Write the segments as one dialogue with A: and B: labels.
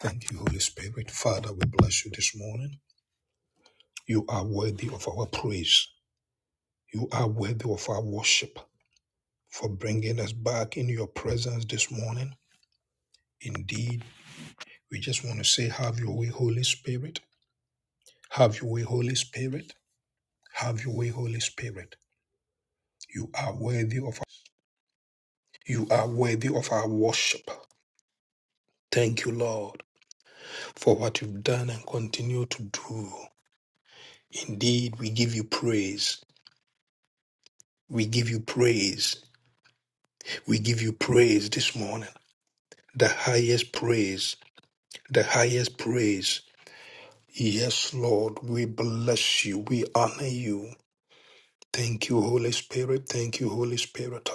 A: Thank you, Holy Spirit. Father, we bless you this morning. You are worthy of our praise. You are worthy of our worship for bringing us back in your presence this morning. Indeed, we just want to say, Have your way, Holy Spirit. Have your way, Holy Spirit. Have your way, Holy Spirit. You are worthy of you are worthy of our worship. Thank you, Lord, for what you've done and continue to do. Indeed, we give you praise. We give you praise. We give you praise this morning, the highest praise, the highest praise. Yes, Lord, we bless you, we honor you. Thank you, Holy Spirit. Thank you, Holy Spirit.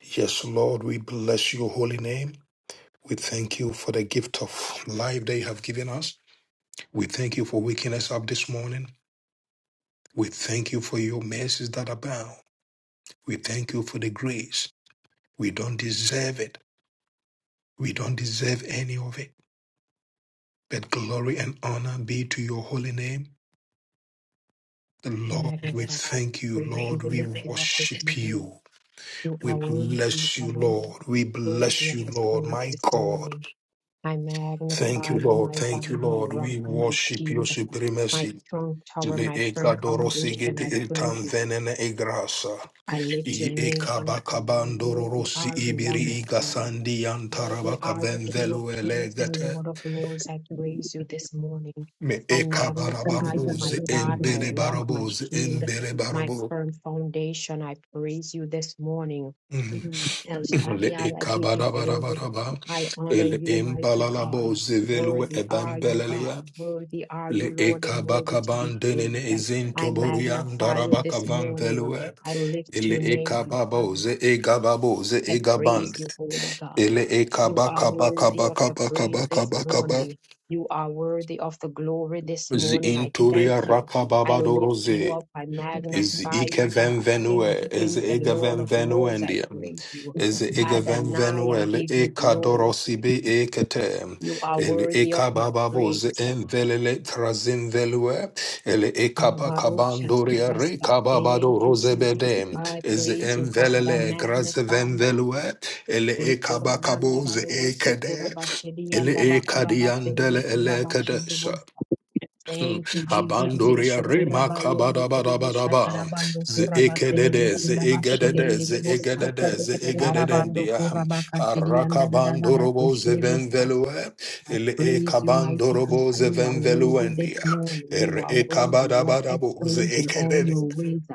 A: Yes, Lord, we bless your holy name. We thank you for the gift of life that you have given us. We thank you for waking us up this morning. We thank you for your mercies that abound. We thank you for the grace. We don't deserve it. We don't deserve any of it. But glory and honor be to your holy name. The
B: We
A: Lord, we
B: magnify,
A: thank you,
B: praise. We
A: Lord.
B: will
A: We
B: lift you up this
A: worship
B: morning.
A: you.
B: You
A: We
B: are worthy. You
A: bless
B: are
A: you,
B: worthy
A: Lord. We
B: worthy
A: bless
B: of
A: you,
B: the
A: Lord.
B: praise
A: My
B: this
A: God.
B: morning. I
A: Thank
B: magnify
A: you,
B: you,
A: Lord.
B: my
A: Thank you,
B: God, my
A: Lord.
B: rock,
A: We
B: and my
A: worship your
B: shield, my
A: supremacy.
B: strong tower,
A: Le
B: my firm
A: eka dorosi
B: foundation.
A: gete
B: I praise
A: etam
B: you.
A: venene egrasa.
B: I lift your
A: I
B: name
A: eka
B: on high.
A: bakabandoro
B: Worthy are you, Lamb of
A: ibiri
B: God.
A: igasandi
B: Worthy
A: antarabaka
B: are you, King
A: venvelu
B: of kings and
A: elegete.
B: Lord of lords. I
C: Thank you.
B: praise you this morning.
A: Me eka
B: I magnify you, my
A: ekabarabarobozi
B: God, my
A: embele
B: rock, my
A: barobozi
B: shield,
A: embele
B: my
A: barobo.
B: firm foundation. I praise you this morning.
A: Mm.
B: And Father,
A: Le eka
B: I, I give you glory.
A: ekabarabaraba.
B: I honor
A: El
B: you, mighty God.
A: embalalabozi velue
B: Worthy are you, God.
A: ebembelelia.
B: Worthy are
A: Le
B: you, Lord,
A: eka
B: and worthy to be
A: ekabakaban denene
B: praised. I
A: izintoborian
B: magnify you this
A: darabakavan
B: morning.
A: velue.
B: I lift
A: Ele
B: your name on high.
A: ekababoze egababoze
B: I praise
A: egabande.
B: you, Holy God.
A: Ele
B: You are worthy of the praise this
A: ekabakabakabakabakabakabakaba.
B: morning. You are worthy of the glory this morning. I
A: Zinturia
B: thank you. I lift you
A: rakababadoroze.
B: up. I
A: Is
B: magnify
A: Ike
B: you, God.
A: Van Venue,
B: King of
A: is
B: kings and
A: Ega
B: Lord
A: Van
B: of lords, I
A: Venuendia,
B: praise you.
A: is Ega Van
B: Adonai, I
A: Venuel,
B: give you
A: Eka
B: glory.
A: Dorosibi Ekete,
B: You are
A: El
B: worthy of
A: Eka
B: my
A: Bababos,
B: praise.
A: Envelele Trazin Velue, El Eka
B: Kabarosha
A: Bacabandoria,
B: Tabasta. Thank
A: Rekababado
B: you, Jesus.
A: Rosebede,
B: I
A: is
B: praise you, God. I
A: Envelele
B: magnify
A: Grazeven
B: you.
A: Velue, El Eka
B: Kurabanda
A: Bacabos
B: barubusu
A: Ekede,
B: kurabashedi
A: El
B: yanda
A: Eka Diandele
B: bakurabaselede kurabashende
A: Elekadesha.
B: bosa.
A: Mm.
B: Thank you, Jesus.
A: Abandoria
B: Ishu
A: rema
B: kurabayende kedebusha
A: kabadabadabadaba.
B: tarabando
A: Ze
B: kurabaselede
A: ekedede, ze egedede,
B: kurabashedede
A: ze
B: bosa.
A: egedede, ze
B: Tarabando
A: egededendia.
B: kurabakashedi yanda
A: Arakabandorobo ze
B: dadadabakushede bosa.
A: venvelue.
B: I
A: Ele
B: praise you, mighty God.
A: ekabandorobo ze
B: You are worthy this
A: venveluendia.
B: morning. You
A: Ere
B: are worthy. You are
A: ekabadabadabo ze
B: excellent in all
A: ekedede.
B: your ways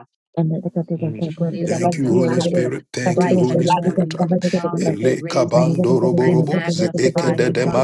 A: Mm.
B: lily of
A: Thank you,
B: the
A: Holy
B: valley,
A: Spirit. Thank you,
B: bright
A: Holy
B: and
A: Spirit.
B: morning star. I
A: Ele
B: praise you. I
A: kabandoroborobo ze
B: magnify you,
A: ekedede
B: God.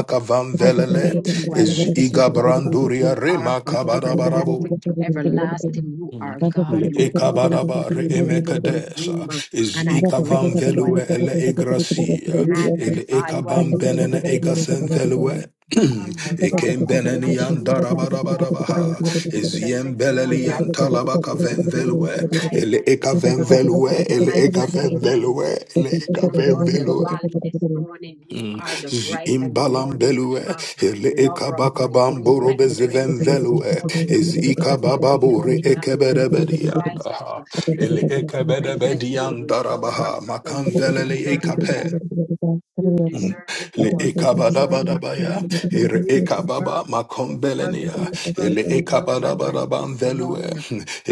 B: I praise you. I
A: Is
B: lift you up.
A: igabranduria
B: You are
A: rema
B: from
A: kabarabarabo.
B: everlasting to everlasting. You are
C: Thank
B: God.
A: Le
B: You rule.
A: ekabadaba
B: You
A: re
B: reign supreme.
A: emekadesa is
B: And I
A: ikavam
B: praise you. I
A: velue ele egracia ele
B: magnify you. I
A: ekabam
B: lift your
A: benene
B: name on
A: egasen velue
B: you are my rock,
A: ekem
B: my
A: beneni yan
B: shield, my, my firm
A: darabarabaha is
B: foundation. This
A: yem beleli
B: morning I
A: yan
B: praise
A: talabaka
B: you.
A: ven
B: Who is
A: velue
B: like
A: ele
B: you, great
A: ekaven
B: God? Who
A: velue
B: is
A: ele
B: like you,
A: ekaven
B: great
C: you.
B: King?
A: velue ele
B: Lily
A: ekaven
B: of the
A: velue
B: valley this morning, you
A: Mm.
B: are the bright and the morning
A: Imbalambelue,
B: star.
A: ele
B: Lover of my soul, I
A: ekabakabamborobe
B: praise you this
A: zivenvelue,
B: morning.
A: is
B: Early in the
A: ikabababore
B: morning, I will raise cries
A: ekeberebedianda,
B: up to
A: ele
B: give you the praise that you
A: ekebedebedianda
B: deserve,
A: rabaha,
B: for
C: Thank
B: you
A: makanvelele
B: deserve it.
A: ekape,
B: You
A: Mm.
B: deserve it,
A: Le
B: Lord. You deserve my
A: ekabadabadabaya,
B: praise.
A: ere
B: You deserve
A: ekababa
B: the third
A: makombelenia,
B: fruits,
A: ele
B: first fruits of my lips this
A: ekabadabadaban velue,
B: morning.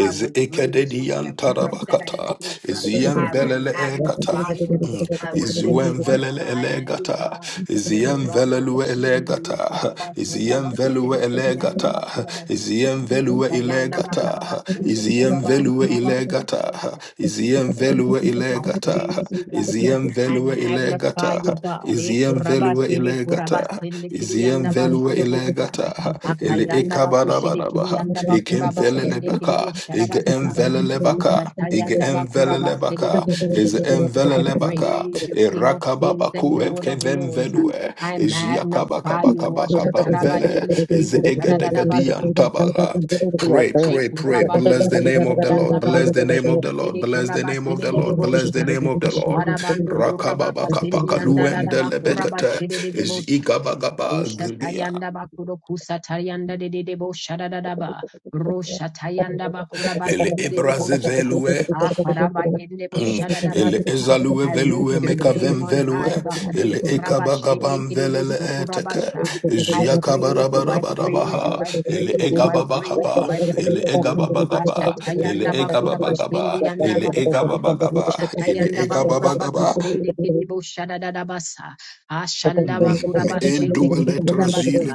B: I will praise you with
A: ekededian
B: every breath that I
A: tarabakata,
B: take.
A: is yem
B: I will
A: belele ekata,
B: magnify you.
A: Mm.
B: I will
A: is
B: lift
A: yem
B: you on
A: velele
B: high, mighty
A: elegata,
B: God.
A: is
B: My
A: yem
B: rock, my
A: velelue
B: shield, you
A: elegata, is
B: kurabasanda
A: yem velue
B: bakusheni kiyanda
A: elegata, is
B: bakurabasanda.
A: yem velue
B: Usayanda
A: elegata,
B: bakarabasende
A: is yem
B: kuraba
A: velue elegata,
B: kurabasende.
A: is yem velue
B: I
A: elegata,
B: praise you, God.
A: is yem
B: I
A: velue elegata,
B: magnify you,
A: ilegata,
B: God. Eh,
A: iziem velue
B: kurabasede,
A: ilegata,
B: kurabasende,
A: iziem
B: kiriyanda
A: velue
B: bashurobosa.
A: ilegata, ele
B: Akayanda bakushede,
A: ekabarabaha,
B: kiriyanda
A: ekem
B: bakurabasende,
C: you.
A: velelebaka, ege
B: kiribosharabasa.
C: Thank
A: velelebaka. Ige
B: Uchatayanda bakurabasede,
A: envelelebaka, is
B: dedebosha. I
A: envelelebaka,
B: praise you, King of kings and
A: irakababaku
B: Lord of
A: evkeven
B: lords.
A: velue,
B: I
A: is
B: magnify you,
A: yakabakabakabakabamvele,
B: Ashatarabayende,
A: is
B: kiribosharadadabasa.
A: egedegadian tabala. Pray, pray, pray. Bless the
B: Shekurabasende
A: name of the Lord.
B: Kirianda
A: Bless the
B: Barobo
A: name of the Lord.
B: Shekede
A: Bless the name of the
B: Kurabasede de
A: Lord. Bless the
B: Bosha.
A: name of the Lord.
B: Sharabando Kurabaka Silvianda Dadaba
A: Rakababakapakaluendelebekete.
B: Kurabashede de Debosa.
A: Izigabagaba gurgia.
B: Ushatayanda bakuro kusatayanda de de de bo shadadadaba. Roshatayanda bakura
A: Ele
B: basede de de bo
A: ebraze
B: sha.
A: velue.
B: Akaraba yende bo
A: Mm. Ele
B: shadadabasa.
A: ezalue
B: I lift
A: velue
B: your name
A: mekavem
B: on high,
A: velue.
B: God.
A: Ele
B: Ikuraba shende
A: ekabagabam
C: you.
B: kiribu
A: velele eteke.
B: sukurabasha.
C: Thank
B: I praise you, I praise you,
A: Ziakabarabarabaha.
B: I
A: Ele
B: praise you, I praise
A: egababakaba.
B: you, I
A: Ele
B: praise you.
A: egababagaba. Ele
B: Ashatayanda bakura bashendi
A: egababagaba.
B: yanda
A: Ele
B: basa.
A: egababagaba. Ele
B: Uchatayanda bakura
A: egababagaba.
B: bakasende kiribu shadadadabasa. Ashandaba
A: Mm.
B: kurabashende kere
A: Enduele
B: kurabasa.
A: trasile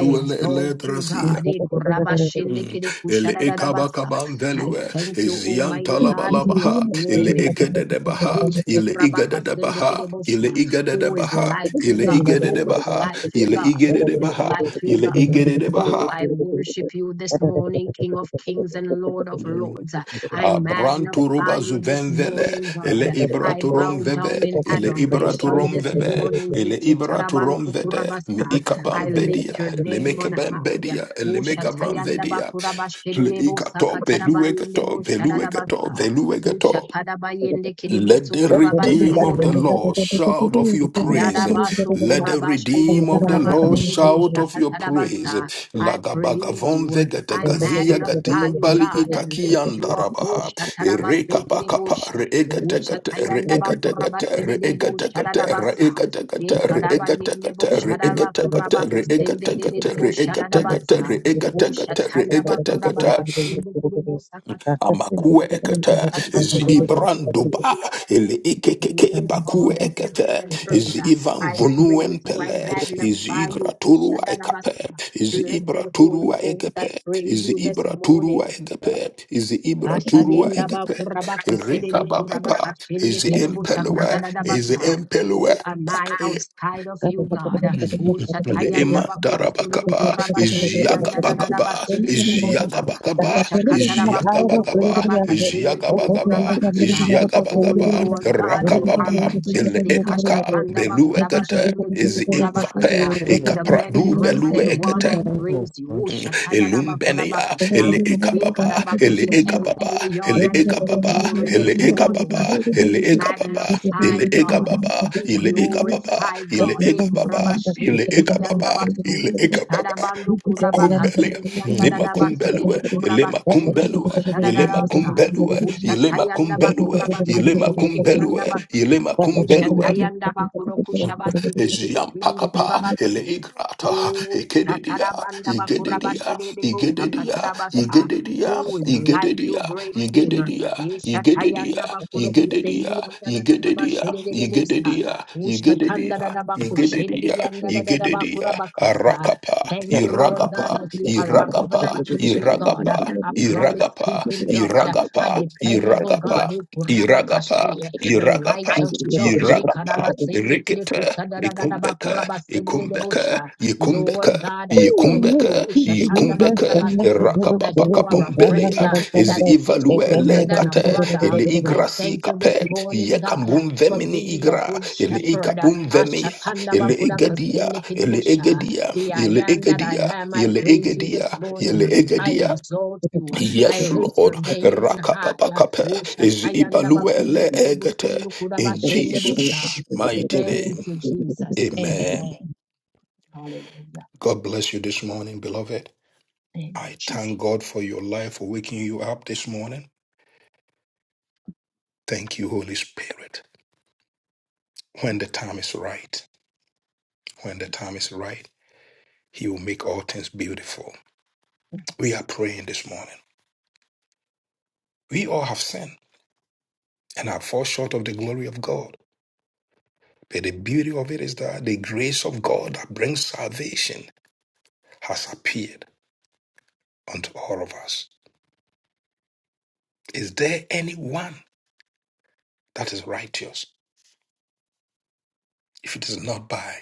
B: I exalt you,
A: eletrasia.
B: God. Eh, kurabashende
A: Mm.
B: kere
A: Ele ekaba
B: kushadadadabasa.
A: kaban
B: I
A: velue,
B: thank you,
A: ezian
B: Almighty God, King of
A: talabalabaha, ele
B: glory. Who
A: ekededebaha, ele igadedebaha, ele
B: is
A: igadedebaha,
B: like you,
A: ele
B: God? Who is
A: igadedebaha,
B: like you,
A: ele
B: God? Who is
A: igadedebaha,
B: like you,
A: ele
B: God? Oh,
A: igadedebaha.
B: I worship you this morning, King of Kings and Lord of Lords. I
C: you.
B: magnify
A: Abranturuba
B: you this
C: Thank
A: zuvenvele,
B: morning,
A: ele
B: God. I bow
A: ibraturum
B: down
A: vebe,
B: in
A: ele
B: adoration
A: ibraturum
B: this
A: vebe,
B: morning.
A: ele ibraturum vede, mi
B: I
A: ikabam
B: lift
A: bedia,
B: your
A: le
B: name on
A: mekabam
B: high.
A: bedia, le megabam
B: Ushatayanda
A: vedia,
B: bakuraba
A: le
B: shedebo
A: ikato, beluegato,
B: sakatarabayendebo
A: beluegato,
B: shadadabasa.
A: beluegato.
B: Ushakadabayende kedebo
A: Let the
B: sokoraba
A: redeem
B: sedebo
A: of the Lord shout of your praise.
B: yadaba
A: Let the
B: sokoraba shede
A: redeem of the
B: koraba
A: Lord
B: sedebo
A: shout of your praise.
B: shakatadabasa. I praise
A: Lagabagavon
B: you.
A: vegete
B: I
A: gazia
B: magnify you,
A: gadimbali
B: God, and lift you up.
A: itakiandarabaha.
B: Ushatadabase
A: Ereka
B: kedebo
A: pakapa
B: sha.
A: reegategate
B: Ushatayandaba kuraba,
A: reegategate
B: sedebo
A: reegategate
B: shadadabasa.
C: you.
B: Ekadabayende bo
A: reegategate reegategate
B: shadaba
A: reegategate
B: koraba kusende
A: reegategate
B: dedebo
A: reegategate
B: shadadabasa.
A: reegategate
B: Ushatandaba koraba
A: reegategate
B: kachende kedebo sakata-
A: amakue ekete
B: sakatadabasende
A: zibranduba
B: kedebo
A: ele ikekeke
B: Creator of all
A: bakue
B: the heavens
A: ekete
B: and earth, uh,
A: zivan
B: I praise you, I
A: vunuempele
B: magnify you.
A: izigraturua
B: Kushadadabasa.
A: ekape
B: Blessed Holy
A: izibraturua
B: Ghost, I
A: egepe
B: praise you this morning.
A: izibraturua egepe izibraturua
B: Ashadienda
A: egepe
B: bakuraba
A: erika
B: kusedede kuraba
A: babaka
B: kashende kerebuta
A: iziempelwe
B: katarada bata.
A: iziempelwe
B: Who am I outside of
C: Ah.
B: you, God? Who shatayanda
A: Leema
B: bakudo sundu
C: Thank
A: darabakaba,
B: kuraba sendi yanda da da da ba
A: Ziagabagaba,
B: shedede de bosta. Who
A: Ziagabagaba,
B: shakatara basundu
A: Ziagabagaba,
B: kuraba kashende kiri
A: Ziagabagaba,
B: kuraba kasha. Oh
A: Ziagabagaba,
B: Lord God, you are
A: Rakababa, Ele
B: majestic.
A: Ekaka,
B: Ashatanda
A: Belu
B: bakuraba
A: Egete,
B: shende kiri
A: Ezi
B: kuraba
A: Imvape,
B: kasa. The many
A: Ekapradu Belu
B: breasted one,
A: Egete,
B: I praise you. Oh shatada bakuraba
A: Elumbenea,
B: kasa.
A: ele
B: We
A: ekapapa, ele
B: karabakushe El
A: ekapapa,
B: Elyon,
A: ele
B: I give you
A: ekapapa,
B: glory
A: ele
B: this morning.
A: ekapapa,
B: Be
A: ele ekapapa,
B: magnified,
A: ele
B: God.
A: ekapapa,
B: Be
A: ele ekapapa,
B: glorified,
A: ele
B: God. E
A: ekapapa, ele
B: kurabashende
A: ekapapa,
B: kiriyandabasu.
A: ele
C: you.
A: ekapapa.
B: Shadabando
C: Thank
A: Makumbelea,
B: kurabakasindi
A: nima
B: yandadadabashede de
A: kumbelue, ilema
B: kurabasede de debo
A: kumbelue, ilema
B: shadadadasa.
A: kumbelue, ilema
B: Ushatayanda
A: kumbelue,
B: bakuraba
A: ilema
B: kasende
A: kumbelue,
B: kiriyandabasa.
A: ilema kumbelue,
B: Ushatayanda bakurokushabaste ketebe kindu
A: Eziampakapa, Ele
B: kurabasa.
A: Igrata,
B: Oh,
A: Ekededia,
B: tatarabanda
A: Igededia,
B: bakurabashede debo
A: Igededia,
B: sakatarabasa.
A: Igededia,
B: Who is like you,
A: Igededia,
B: great King?
A: Igededia, Igededia,
B: Yeshatayanda bakudo kusendi
A: Igededia,
B: yanda da da da ba
A: Igededia,
B: shede de de busta.
A: Igededia, Igededia,
B: Ushatanda da da baku shendi
A: Igededia,
B: yanda da da da bakura
A: Igededia,
B: bakosa.
A: Arakapa,
B: Thank you, Lord God,
A: Iragapa,
B: that you are a
A: Iragapa,
B: covenant keeping God,
A: Iragapa,
B: a promise
A: Iragapa,
B: keeping God,
A: Iragapa,
B: a dependable God.
A: Iragapa, Iragapa,
B: Ukurabakashe, The
A: Iragapa,
B: righteous judge.
A: Iragapa,
B: Ekarabasende kide
A: rikete,
B: kusada da da da
A: Ikumbeka,
B: bakurabasede de de
A: ikumbeka,
B: bosha.
A: ikumbeka,
B: Lord God, I thank you.
A: ikumbeka,
B: Ushatanda
A: ikumbeka,
B: bakurabase that you are a friend
A: rakapapakapombelea,
B: uh,
A: is
B: that sticks
A: ivalue
B: closer than a
A: elegate,
B: brother.
A: ili
B: I
A: igrasi
B: thank you this
A: kape,
B: morning, God, uh,
A: yekambum
B: for
A: vemini
B: being the
A: igra,
B: good
A: ili
B: shepherd. uh,
A: ikapum vemia,
B: Ashatanda
A: ili
B: Bakuda
A: egedia,
B: Kasende
A: ili
B: Kidibusha.
A: egedia,
B: The I
A: ili
B: am that I
A: egedia,
B: am. I
A: ili
B: praise you this
A: egedia,
B: morning.
A: ili
C: you.
B: I
A: egedia.
B: exalt you.
C: Thank
B: I
A: Yes,
B: lift your
A: Lord,
B: name on high.
A: rakapapakape, is
B: Ushatayanda
A: ibalue
B: Bakundu
A: elegate,
B: Kudabusundu
A: in
B: Kudabashende Busa.
A: Jesus' mighty
B: Thank
A: name.
B: you, Jesus.
A: Amen.
B: Amen. Hallelujah.
A: God bless you this morning, beloved.
B: Thank you,
A: I
B: Jesus.
A: thank God for your life, for waking you up this morning. Thank you, Holy Spirit. When the time is right, when the time is right, He will make all things beautiful. We are praying this morning. We all have sinned and are fall short of the glory of God. But the beauty of it is that the grace of God that brings salvation has appeared unto all of us. Is there anyone that is righteous if it is not by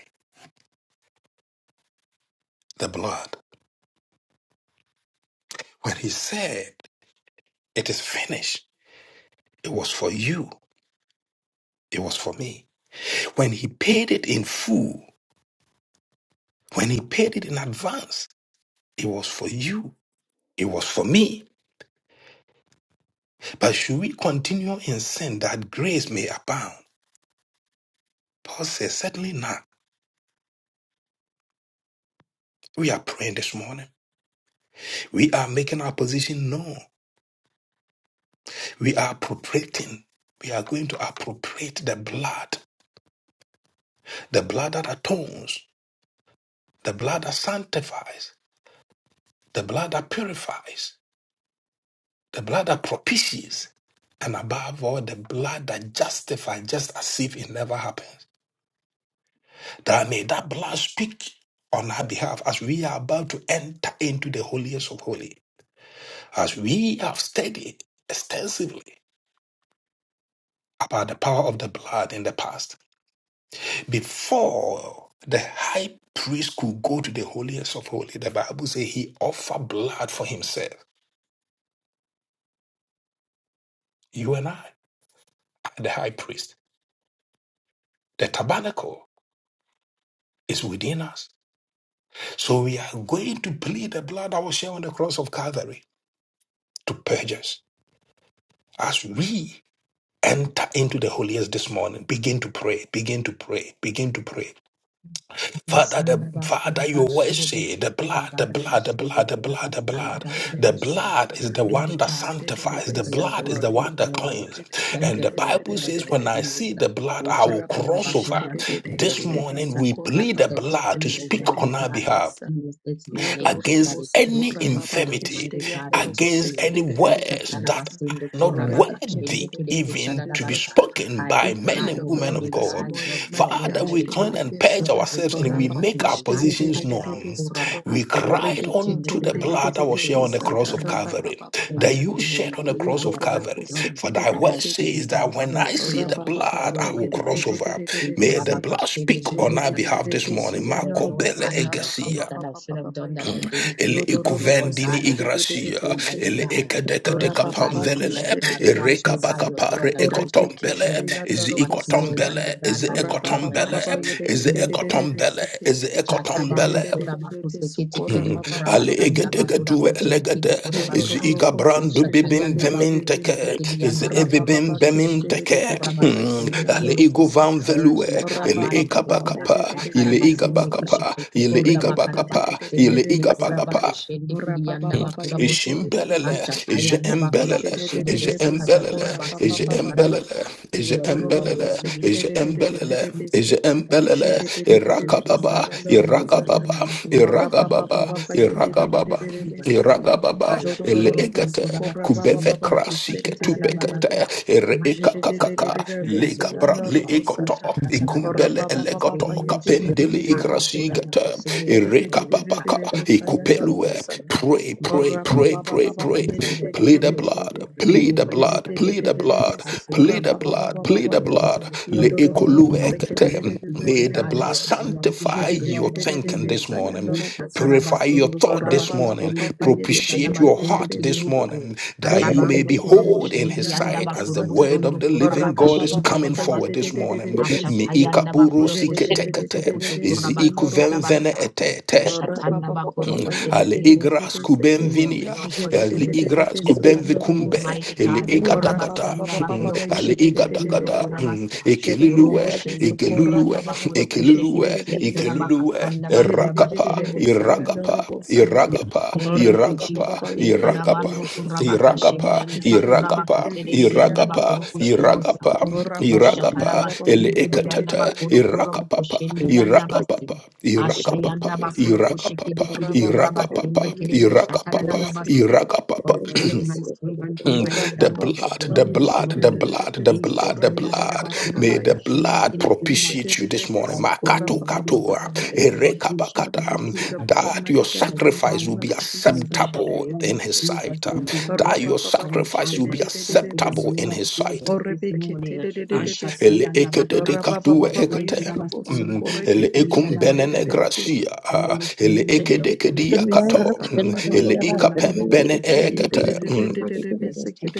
A: the blood? When he said, It is finished, it was for you, it was for me. When he paid it in full, when he paid it in advance, it was for you, it was for me. But should we continue in sin that grace may abound? Paul says, Certainly not. We are praying this morning. We are making our position known. We are appropriating. We are going to appropriate the blood, the blood that atones, the blood that sanctifies, the blood that purifies the blood that propitiates, and above all, the blood that justifies, just as if it never happens. That may that blood speak on our behalf as we are about to enter into the holiest of holy, as we have studied extensively about the power of the blood in the past. Before the high priest could go to the holiest of holy, the Bible says he offered blood for himself. You and I are the high priest. The tabernacle is within us. So we are going to plead the blood that was shed on the cross of Calvary to purge us. As we enter into the holiest this morning, begin to pray, begin to pray, begin to pray. Father,
B: Abasanda
A: the
B: bakura
A: Father, your word
B: bashebe
A: say the
B: besukura
A: blood, the
B: bara
A: blood, the
B: bashebe
A: blood, the
B: kura
A: blood, the
B: basanda
A: blood.
B: bakura
A: The
D: Sherebes
B: bashebe.
A: blood is the
D: Rabake
B: Oh
A: one that
B: God, thank
A: sanctifies.
B: you
A: The
D: Sherebes
B: for your
A: blood is
B: blood
D: Sokora
A: the
B: this
A: one
D: Baba
A: that
B: morning.
A: cleans.
B: Thank
A: And
B: you
A: the
B: for your
A: Bible
B: blood
A: says,
B: that
A: when I
D: Sherebes
B: heals.
A: see the blood,
B: Oh
A: I will
B: Shatanda
A: cross
D: Rabakesh
B: bakura
A: over.
B: bashebe that
A: This
D: Sherebes
B: delivers,
A: morning we
D: Sokora
B: that
A: plead the
B: sets
D: Baba
A: blood to
B: free,
A: speak
B: Almighty
A: on our
B: God, that
A: behalf.
D: Sherebes
B: heals this morning, that
A: against
B: is still
A: any
D: Yodorodorobosokora baba
B: speaking,
A: infirmity,
D: keshte
B: Almighty God, in today.
A: against any
B: Oh
A: words
B: Shatara
A: that
D: yandarobosekedededededebesa.
B: basende
A: are not
B: kura
A: worthy
B: bakashende kide
A: even
B: kushadada
A: to be
B: basa.
D: Orebeketededededebesaka.
A: spoken
B: I
D: We
A: by men
B: apply,
D: plead
A: and
D: the
A: women
D: blood
A: of
B: Almighty
D: this
A: God.
B: God,
D: morning,
B: your
D: mighty
B: blood,
D: God.
A: Father, we
B: Almighty God
A: cleanse and
B: to
D: jededededebesa.
A: purge
B: every
A: ourselves and
B: area
A: we
D: Oraba
B: of
A: make
B: my
A: our
B: life
A: positions
B: right now.
A: known.
D: keshtededededebesoko.
A: We cried unto the blood that was shed on the
D: Orebeketededededebesa
A: cross of Calvary, that
D: tarababababaya.
A: you
B: Anything,
A: shed on the
B: Almighty
A: cross
B: God,
A: of
B: that I have
A: Calvary.
B: done
A: For thy
B: that I
A: word
B: shouldn't
A: says
D: Yodororobosekededededebesa.
B: have
A: that
B: done,
A: when I see
B: anything that
A: the
D: Rapa
B: I've
D: papa
B: said,
A: blood,
D: papa
A: I will
D: yede
B: Almighty
D: de
A: cross
D: de
B: God.
D: de
A: over.
D: de de de
B: we could
A: May
B: have
A: the
D: bese.
A: blood
B: questioned it
A: speak
B: to the
A: on
D: Jede
B: most
A: our
D: de de de
B: That I
A: behalf this
B: should have
D: Jedededededebese
A: morning.
D: yana
B: said,
A: Marco
B: Lord
A: Bele
D: robosa
B: God,
D: ta
B: even the things
A: Egesia
B: that I should have
D: rapapapapapapa
B: done
D: ya.
B: that I didn't
A: ele
B: do.
D: Yodoro robo
B: Lord
A: ikuvendini
B: God,
D: seke
B: I
D: de de de de
B: repent,
A: igracia
D: de
B: Almighty
D: besa.
A: ele
B: God.
A: ekedeke
B: Purge
A: deka
D: Rapa
B: me by
D: papa
B: your
D: kesh
B: blood,
A: pamvelele
D: de
B: God. Wash
A: ereka
B: me
D: keshtededededebese.
B: by your blood,
A: bakapare
B: and I
D: Orebe
B: shall be
D: kesh
A: ekotombele
B: whole.
D: de yana
A: ezi
D: robo
B: Watch me,
D: sata.
B: Almighty
A: ikotombele
B: God,
A: ezi
B: by your
D: Rapa
B: blood,
D: papa
B: and I
A: ekotombele
D: papa
B: shall be
D: yede de
A: ezi
D: de de
B: clean.
D: yedededededebese
A: ekotombele
D: ke.
A: ezi
B: Chatabando
A: ekotombele
B: Kurabakuste
D: Jedededededebese
B: Kitikiri
A: Mm. ale
D: korapapapapa ya.
B: Kurabasanda
A: egedege
B: Bakura
A: duwe
B: Kushiri Kiri
A: elegede ezi
B: Kurabasa.
A: iga
D: Yorororoko seke
A: brandu
D: de de de
A: bibim
D: de de de
B: Ushatayanda
D: de
B: Bakura
D: de sekededededededesa.
A: veminteke ezi
B: Kustekidianda Bakura
A: ebibim
D: Rabababa
B: Kushiri Busto
A: beminteke
D: keshtedededededebe
A: Mm.
B: Kurabakasende
A: ale
D: suyandoroko
A: igo
B: Kiribusa.
A: van
D: sata.
B: Purge me,
A: velue
B: God,
A: ele
B: by your
D: Rabababa
B: blood.
A: ekabakapa ile
D: yedededededebe
B: Bakarabasinde
D: suko.
A: igabakapa ile
B: Kishikritunda
A: igabakapa ile
B: Bakarabakusende Kiri
D: Orebeketededededebe sata.
A: igabakapa
B: Kurabakashende Kirianda
D: Rabababa
B: Bakura Bosu.
D: yedededededebe
A: Ishimbelele,
D: seke.
B: Achatayanda
D: Je
B: Bakura
D: de
A: Ijembelele,
D: de de
B: Kushiri
D: de de
B: Busa
D: de suko
A: Ijembelele,
B: Katatada Basekiri
D: rabababa ya.
A: Ijembelele,
B: Karabasa. Your blood,
D: Yorororoko
A: Ijembelele,
B: O
D: seke de de de de de de
A: Ijembelele,
D: de de se.
B: that's
A: Ijembelele,
D: Je de
B: this
D: de de de
B: deep
D: de
B: safe
D: Jedededededebe
A: Irakababa,
B: Rabaka Shendo
D: sayandoroko
B: to the
D: sata.
A: Iragababa,
B: Rabakura Shendo to the
A: Iragababa,
D: Rabababa ye
B: Musaka
D: de de de de
A: Iragababa,
B: Taramasna
D: de de de
B: even
D: se.
B: now. I
A: Iragababa, Ele
B: apply to
D: Jodororobo
A: egate,
D: sukora
B: Kurabaka
D: baba
A: Kubeve
B: Shendo to
D: baba
B: the Kusaka
D: kishtere
A: Krasike,
D: de de de de de.
A: Tupekate,
B: Tarababata. My life is the
A: Erekakakaka,
B: aspect
D: Jedededededebe
B: of my
D: suyanda
B: life.
A: Le
B: but
D: robo
A: egoto,
B: Usha
D: sata.
A: Ikumbele
B: Katarabata
D: Orababababa
B: Rakasende
A: Elegoto,
B: Musha.
A: Kapendele
B: I
D: yededededebe
B: am
D: seke.
B: Kurabaka
A: Igrasigate,
B: Shendo Katarabata. My
D: Jedededededebe
B: sons
A: Erekapapaka,
D: sayanda
B: with
D: robo
A: everywhere.
B: your
D: sata.
B: blood.
A: Pray,
B: My
A: pray,
B: brother,
A: pray,
B: my
A: pray,
D: Orababababa
A: pray.
B: siblings and their
A: Plead the
B: families
A: blood,
B: with
D: yededededebe.
B: the blood,
A: plead the
D: Rabba Sata.
B: Almighty
A: blood,
B: God
A: plead the blood, plead
B: saturate
A: the blood,
B: Almighty God,
A: plead the
B: hands
A: blood.
B: over to
A: Le
B: blood,
A: ekolu
B: Almighty God.
A: ekete. May
B: Lord
A: the
B: God,
A: blood
B: your blood is the
A: sanctify your
B: blood that
A: thinking this
B: heals.
A: morning,
B: Oh, Shataraba
A: purify your
B: Sondo
A: thought
B: Kuraba
A: this morning,
B: Kushendo
A: propitiate your heart this morning, that you may be
B: Arabando Kurobo
A: whole in his sight
B: Yandaba
A: as the
B: Kurobo
A: word of
B: Sondo
A: the
B: Kuraba
A: living God is
B: Kashendi
A: coming
B: Yandaba
A: forward this
B: Son.
A: morning. Mi
B: Ashatayandaba
A: ikapuru siketekete. Izi ikuvemvene
B: Oh,
A: etete.
B: Shatandaba Kuroku
A: Ale igras
B: Shedekirebusa. May
A: kuben
B: your
A: vinia,
B: blood
A: ale
B: continue to
A: igras
B: speak.
A: kuben vikumbe,
B: Almighty
A: ele
B: God, e
D: Ora ba ba
A: igadagada,
D: ba
B: Kurabasanda
D: ba ba ba
B: Bakuro
D: ba ye
A: ale
D: de de de
B: Kushikiti
D: de de de
B: Kindo
D: de
A: igadagada,
D: de.
B: Kurabasa,
D: She de de de
A: ekelulue,
B: Urobo
D: de de
B: Shende
D: socorra
A: ekelulue,
D: ba
B: Kilianda
D: ba ba ba
B: Bakuro
D: ba ye she de
A: ekelulue,
B: Kushikiti
D: de
B: Kili
D: de de de.
A: ekelulue,
B: Kurabakasanda
D: Je de de
B: Bakuraba
D: de de
A: erakapa,
D: de de
B: Shedebusta.
D: sayanda
A: iragapa,
D: robo sata.
A: iragapa,
D: Ora
B: Thank
A: iragapa,
D: ba
B: you,
D: ba ba
A: Iragapa,
B: Jesus.
D: ba ba ye
B: They
D: de de de de
A: Iragapa,
D: de
B: Karabando
D: de seke.
B: Kurabaka
A: Iragapa,
B: Shemianda
D: Je de de de
B: Bakuraba
D: de
A: Iragapa,
D: de de
B: Kusede Yanda
D: suyanda
A: Iragapa,
D: robo
B: Bakuro
D: sata.
B: Kushedebusta.
A: Iragapa,
D: Ora ba ba ba ba
A: Iragapa,
D: ba ba ba ye
B: Ushakarabasende
D: de de de de de
B: Kilianda
D: de
A: Elekatata,
D: de
B: Bakuro
D: de
B: Kurobo
A: Irakapapa,
B: Kushendi Yanda
A: Iragapapa,
B: Basti.
D: de de
A: Irakapapa,
B: Ashayanda
D: de sa.
B: Bakuro Kushikidi
A: Irakapapa,
D: Ora
B: Kili
D: ba ba ba ba ba
A: Irakapapa,
D: ba
B: Kurabasende
D: ye de
B: Kidebo
D: de de de
A: Irakapapa,
D: de seke de
B: but
A: Irakapapa,
D: de de
B: for
D: de
B: your
D: de
B: my
D: so.
B: servant,
A: Mm,
D: ya ya de
B: Almighty
A: The
B: God, with the
A: blood, the
B: blood
D: de
B: this
A: blood,
D: de
A: the
D: de
B: morning,
D: de
A: blood, the blood, the
D: pesukora papa
A: blood.
D: papa
A: May
D: papa
A: the
D: ya
A: blood
D: yere de de de
B: Ishatandarabakurabakushinikirikurabasa.
A: propitiate you
D: de de
A: this morning.
B: I pray,
D: pesukora
A: Makato
D: papa
B: Almighty
D: papa
A: katoa,
B: God, the
D: papa ya.
B: blood in
D: Father,
A: erekabakata.
D: we plead the blood,
B: Ishitanabasagabasa.
A: That
D: mighty
A: your
D: God,
B: I
D: in the
A: sacrifice
B: want
D: name
A: will
D: of
A: be
B: my
D: Jesus.
B: sons with the
A: acceptable
B: blood
A: in
B: of
A: his
D: Shededededebesa.
B: Jesus
A: sight.
B: this morning.
A: That
B: I
A: your sacrifice
B: want
A: will be
B: my sons with the
A: acceptable
B: blood
A: in
D: Rabababakesh-dedededededebesuko.
B: of
A: his sight.
B: Jesus this
D: de
B: morning.
A: Mm.
D: tededededebesa
A: Ele ekete de katoa ekete. Mm,
D: Rabababababayandarobosuko.
A: Ele ekum
B: Ashatayandabakurakushinikirikurabasindikirikushandarabasa.
A: benene
D: Rebekesh-dededededebe.
B: I
A: gracia,
B: stand
A: ah,
B: this
A: ele
B: morning at
A: eke
B: the
A: deke
B: foot of the
A: dia
B: cross.
A: kato, Mm,
B: I
A: ele
B: step
A: ika
B: into
D: Shededededebesa.
A: pempene ekete, Mm,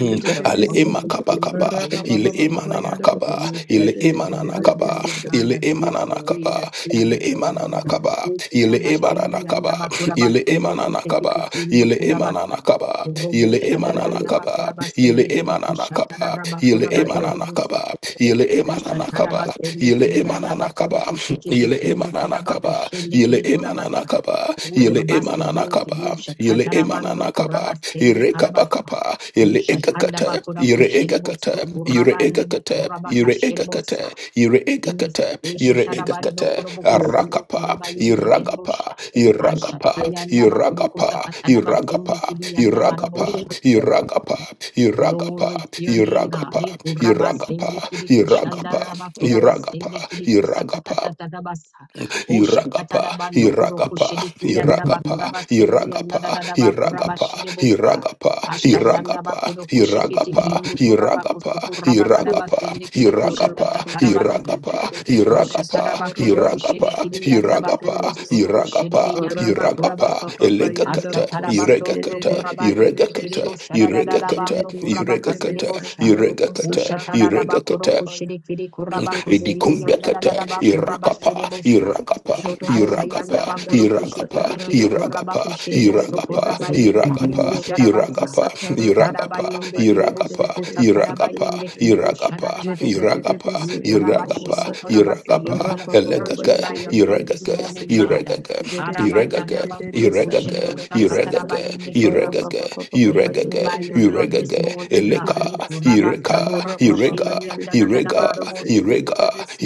A: Hmm.
B: the
A: Ale ema
B: fountain
A: kaba
B: filled
A: kaba.
B: with blood
A: Ile
B: this
A: ema
D: Rabababababa
B: morning.
A: nana kaba.
B: Your
A: Ile
B: precious
A: ema
B: blood,
A: nana kaba.
D: yandarobosikididididididibiso.
B: Almighty God,
A: Ile
B: that
A: ema
B: takes
A: nana
B: away the
A: kaba.
B: sins
A: Ile
B: of the
A: ema nana
B: world.
A: kaba.
B: O
A: Ile ema nana
B: kurabashindi yanda
A: kaba. Ile ema
B: bakurabasondo
A: nana kaba.
B: kusekipikindo
A: Ile ema
B: kurabasa.
A: nana kaba.
B: Robo
A: Ile ema
B: shada
A: nana
B: yanda
A: kaba. Ile
B: bakurabasende kire
A: ema nana
B: kushatara
A: kaba. Ile ema nana
B: rabakurabaserebusa.
A: kaba. Ile ema nana
B: Rushatara
A: kaba.
B: basende
A: Ile ema
B: kiriyanda
A: nana
B: bakoro
A: kaba.
B: koshekete
A: Ile ema
B: kindo
A: nana
B: kura
A: kaba.
B: bakoshende
A: Ile
B: kiri kura
A: ema nana
B: basa.
A: kaba.
B: Ura
A: Ile ema nana kaba
B: basende kiri
A: kaba yele
B: ushakatara
A: emanana
B: bando kura
A: kaba
B: basende
A: ire kaba
B: karabasa.
A: kapa yele ega
B: Ushatanda
A: kate
B: bakora
A: ire
B: koshere
A: ega kate
B: boso kura
A: ire ega
B: bande bo
A: kate
B: kura
A: ire
B: bakashere
A: ega kate
B: bosa.
A: ire ega kate
B: Jesus,
A: ire
B: beshetara
A: ega
B: bando
A: kate
B: kuro bokusundo
A: arakapa
B: kura bayende kere
A: iragapa
B: bosha.
A: iragapa
B: Ashatayanda bakoro
A: iragapa
B: kusakatara
A: iragapa
B: basende kiriyanda
A: iragapa
B: barobosha.
A: iragapa iragapa
B: Glory to your name,
A: iragapa
B: God. Eh,
A: iragapa
B: kurabasende kidi kushanda
A: iragapa
B: raba,
A: iragapa
B: kurabasende kidi
A: iragapa
B: kusakatata rabasa. Oh, shakata da
A: Iragapa,
B: bando kuro
A: Iragapa,
B: kushedi kuyanda ba,
A: Iragapa,
B: kurabasende yanda
A: Iragapa,
B: da da da ba,
A: Iragapa,
B: kurabashiri bosa.
A: Iragapa,
B: Asha yanda ba
A: Iragapa,
B: kuro kushikiti
A: Iragapa,
B: kindu
A: Iragapa,
B: kuraba
A: Iragapa,
B: kustu kuraba
A: Iragapa,
B: karabasende kidi kushatata
A: Iragapa,
D: Korabababa
B: tarabasi.
A: Iragapa,
D: yedidididididibiso.
A: Iragapa,
B: Ushakara bakoro kushede kiri yanda bakoro
A: Iragapa,
D: Korababkishdidididididibiso.
B: bostoro boshede
A: Iragapa,
B: yanda bakora
A: Iragapa,
B: basa.
D: Rabababababa
B: Ushatarabakoro
A: Elegakata,
B: kushenekiri yandabakoro bosoro kiri yandabakurabasa. Ashatarabasono
A: Iregakata,
B: kurabayendekiri
A: Iregakata,
D: yandarobosikididididididibishi.
A: Iregakata,
B: bosharararabando kurabakasere
A: Iregakata,
D: Jidididididibisa
B: bosha.
A: Iregakata,
D: yandarobosatara
B: Ushatara da
A: Iregakata,
D: bababababaya.
B: kushenekiri kurabakusende
A: edikumbekete
B: yandararabakurabashere
D: Yodorobosikididididididibiso.
A: irakapa
B: bosa.
A: iragapa
D: Jodororobosa
A: iragapa
B: Ashayanda bakoro
D: Yandarobosa
A: iragapa
B: kushikite
D: Tara
B: kiri
D: Baba
B: kuraba
A: iragapa
D: Kishte de
B: kushiribu
D: de de de
A: iragapa
B: sokuraba
D: Bese.
B: yende
A: iragapa
B: kiribu sharabasa.
A: iragapa
D: Yodororobosa Tara Baba
B: Sharaba
A: iragapa
D: Baba
B: yende kiribu
D: Yede de
A: iragapa
D: de de de
B: sokuta
D: Bese
B: karaba
D: de de
A: iragapa
D: de
B: yende
D: de Be.
B: kiribu
A: iragapa
D: Jede
B: sharabasa.
D: de de de
A: iragapa
D: Besu
B: Ye karaba
A: iragapa
B: shinde
D: Yandarobosa Ta.
B: korabasa. Your
A: iragapa
B: blood,
D: Rabba Baba
B: purge me
A: Elegaga,
B: by
D: Yede
B: your
D: de de de
B: blood
D: de
B: this
A: Iregaga,
D: Bese
B: morning,
D: Ke.
B: God.
A: Iregaga,
D: Jede de
B: Araba
D: de de de
B: yanda
D: de
A: Iregaga,
D: de
B: bakoro
D: Besa
B: kushiribu
A: Iregaga,
D: Yandarobosa Ta.
B: sakataraba
A: Iregaga,
B: yende
D: Ora
B: kiribu
D: pa
B: sa.
D: pa pa pa pa pa
B: Cleanse
D: ye
B: me
D: de
A: Iregaga,
D: de
B: by
A: Iregaga,
D: de
B: your
D: de de
B: blood
D: de
B: this
D: su
A: Iregaga,
D: de
B: morning,
D: de de de
B: God. Ye
D: de
A: Eleka,
D: su.
B: kuraba
A: Ireka,
B: sanda
D: Ora pa pa pa
A: Irega,
B: bakushindi
D: ye de
B: yanda
D: de
B: da
D: de
B: da
D: de
B: da
A: Irega,
D: de de se de
B: barobosa.
D: de de de
A: Irega,
D: de su.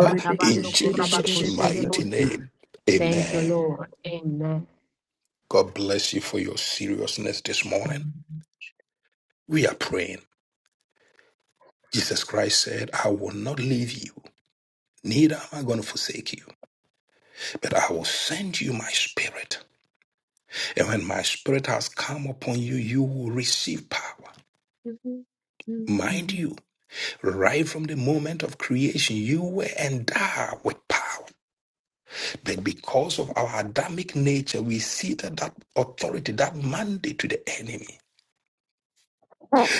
D: Ore pe
A: in
D: kesh de de de
B: kuraba
D: de
A: Jesus'
D: de de sa
B: kushiribu
A: mighty
B: sa.
A: name.
B: Thank you,
A: Amen.
D: Amen.
B: Lord. Amen.
A: God bless you for your seriousness this morning. We are praying. Jesus Christ said, I will not leave you, neither am I going to forsake you, but I will send you my spirit. And when my spirit has come upon you, you will receive power. Mind
B: Mhm.
A: you, right from the moment of creation, you were endowed with power. But because of our Adamic nature, we ceded that authority, that mandate to the enemy.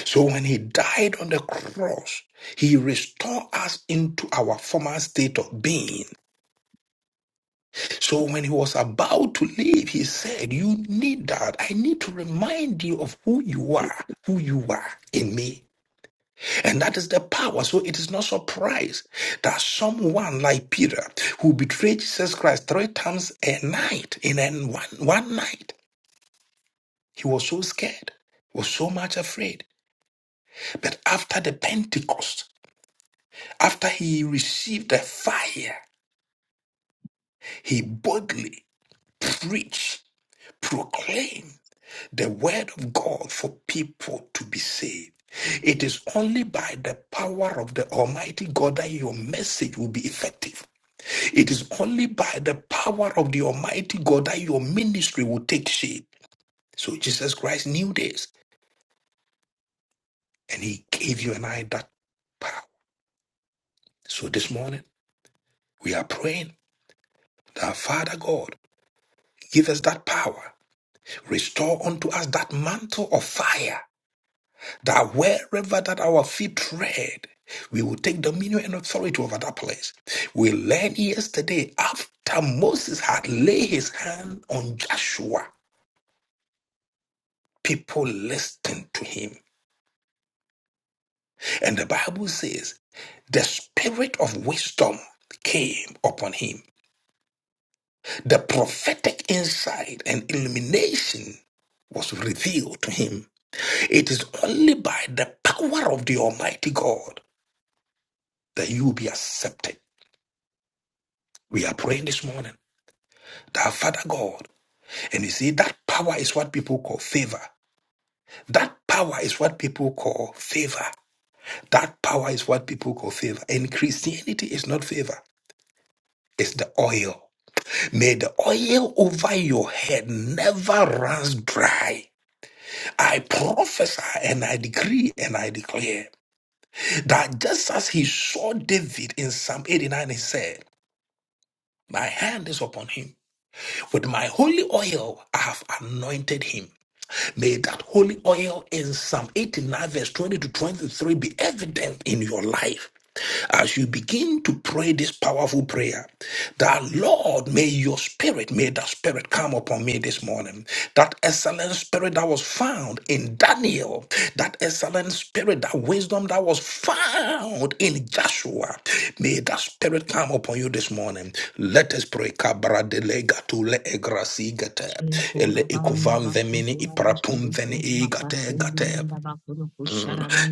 A: So when he died on the cross, he restored us into our former state of being. So when he was about to leave, he said, You need that. I need to remind you of who you
C: you.
A: are, who you are in me And that is the power. So it is no surprise that someone like Peter, who betrayed Jesus Christ three times a night, in a, one, one night, he was so scared, was so much afraid. But after the Pentecost, after he received the fire, he boldly preached, proclaimed the word of God for people to be saved. It is only by the power of the Almighty God that your message will be effective. It is only by the power of the Almighty God that your ministry will take shape. So Jesus Christ knew this and he gave you and I that power. So this morning we are praying that Father God, give us that power. Restore unto us that mantle of fire that wherever that our feet tread, we will take dominion and authority over that place. We learned yesterday after Moses had laid his hand on Joshua, people listened to him. And the Bible says the spirit of wisdom came upon him. The prophetic insight and illumination was revealed to him. It is only by the power of the Almighty God that you will be accepted. We are praying this morning that our Father God, and you see, that power is what people call favor. That power is what people call favor. That power is what people call favor. And Christianity is not favor, it's the oil. May the oil over your head never runs dry. I prophesy and I decree and I declare that just as he saw David in Psalm 89, he said, My hand is upon him. With my holy oil, I have anointed him. May that holy oil in Psalm 89, verse 20 to 23 be evident in your life. As you begin to pray this powerful prayer, that Lord, may your spirit, may that spirit come upon me this morning. That excellent spirit that was found in Daniel, that excellent spirit, that wisdom that was found in Joshua, may that spirit come upon you this morning. Let us pray. Kabra dele gatule egrasi gate. Ele ikuvan vemini iprapum veni igate gate.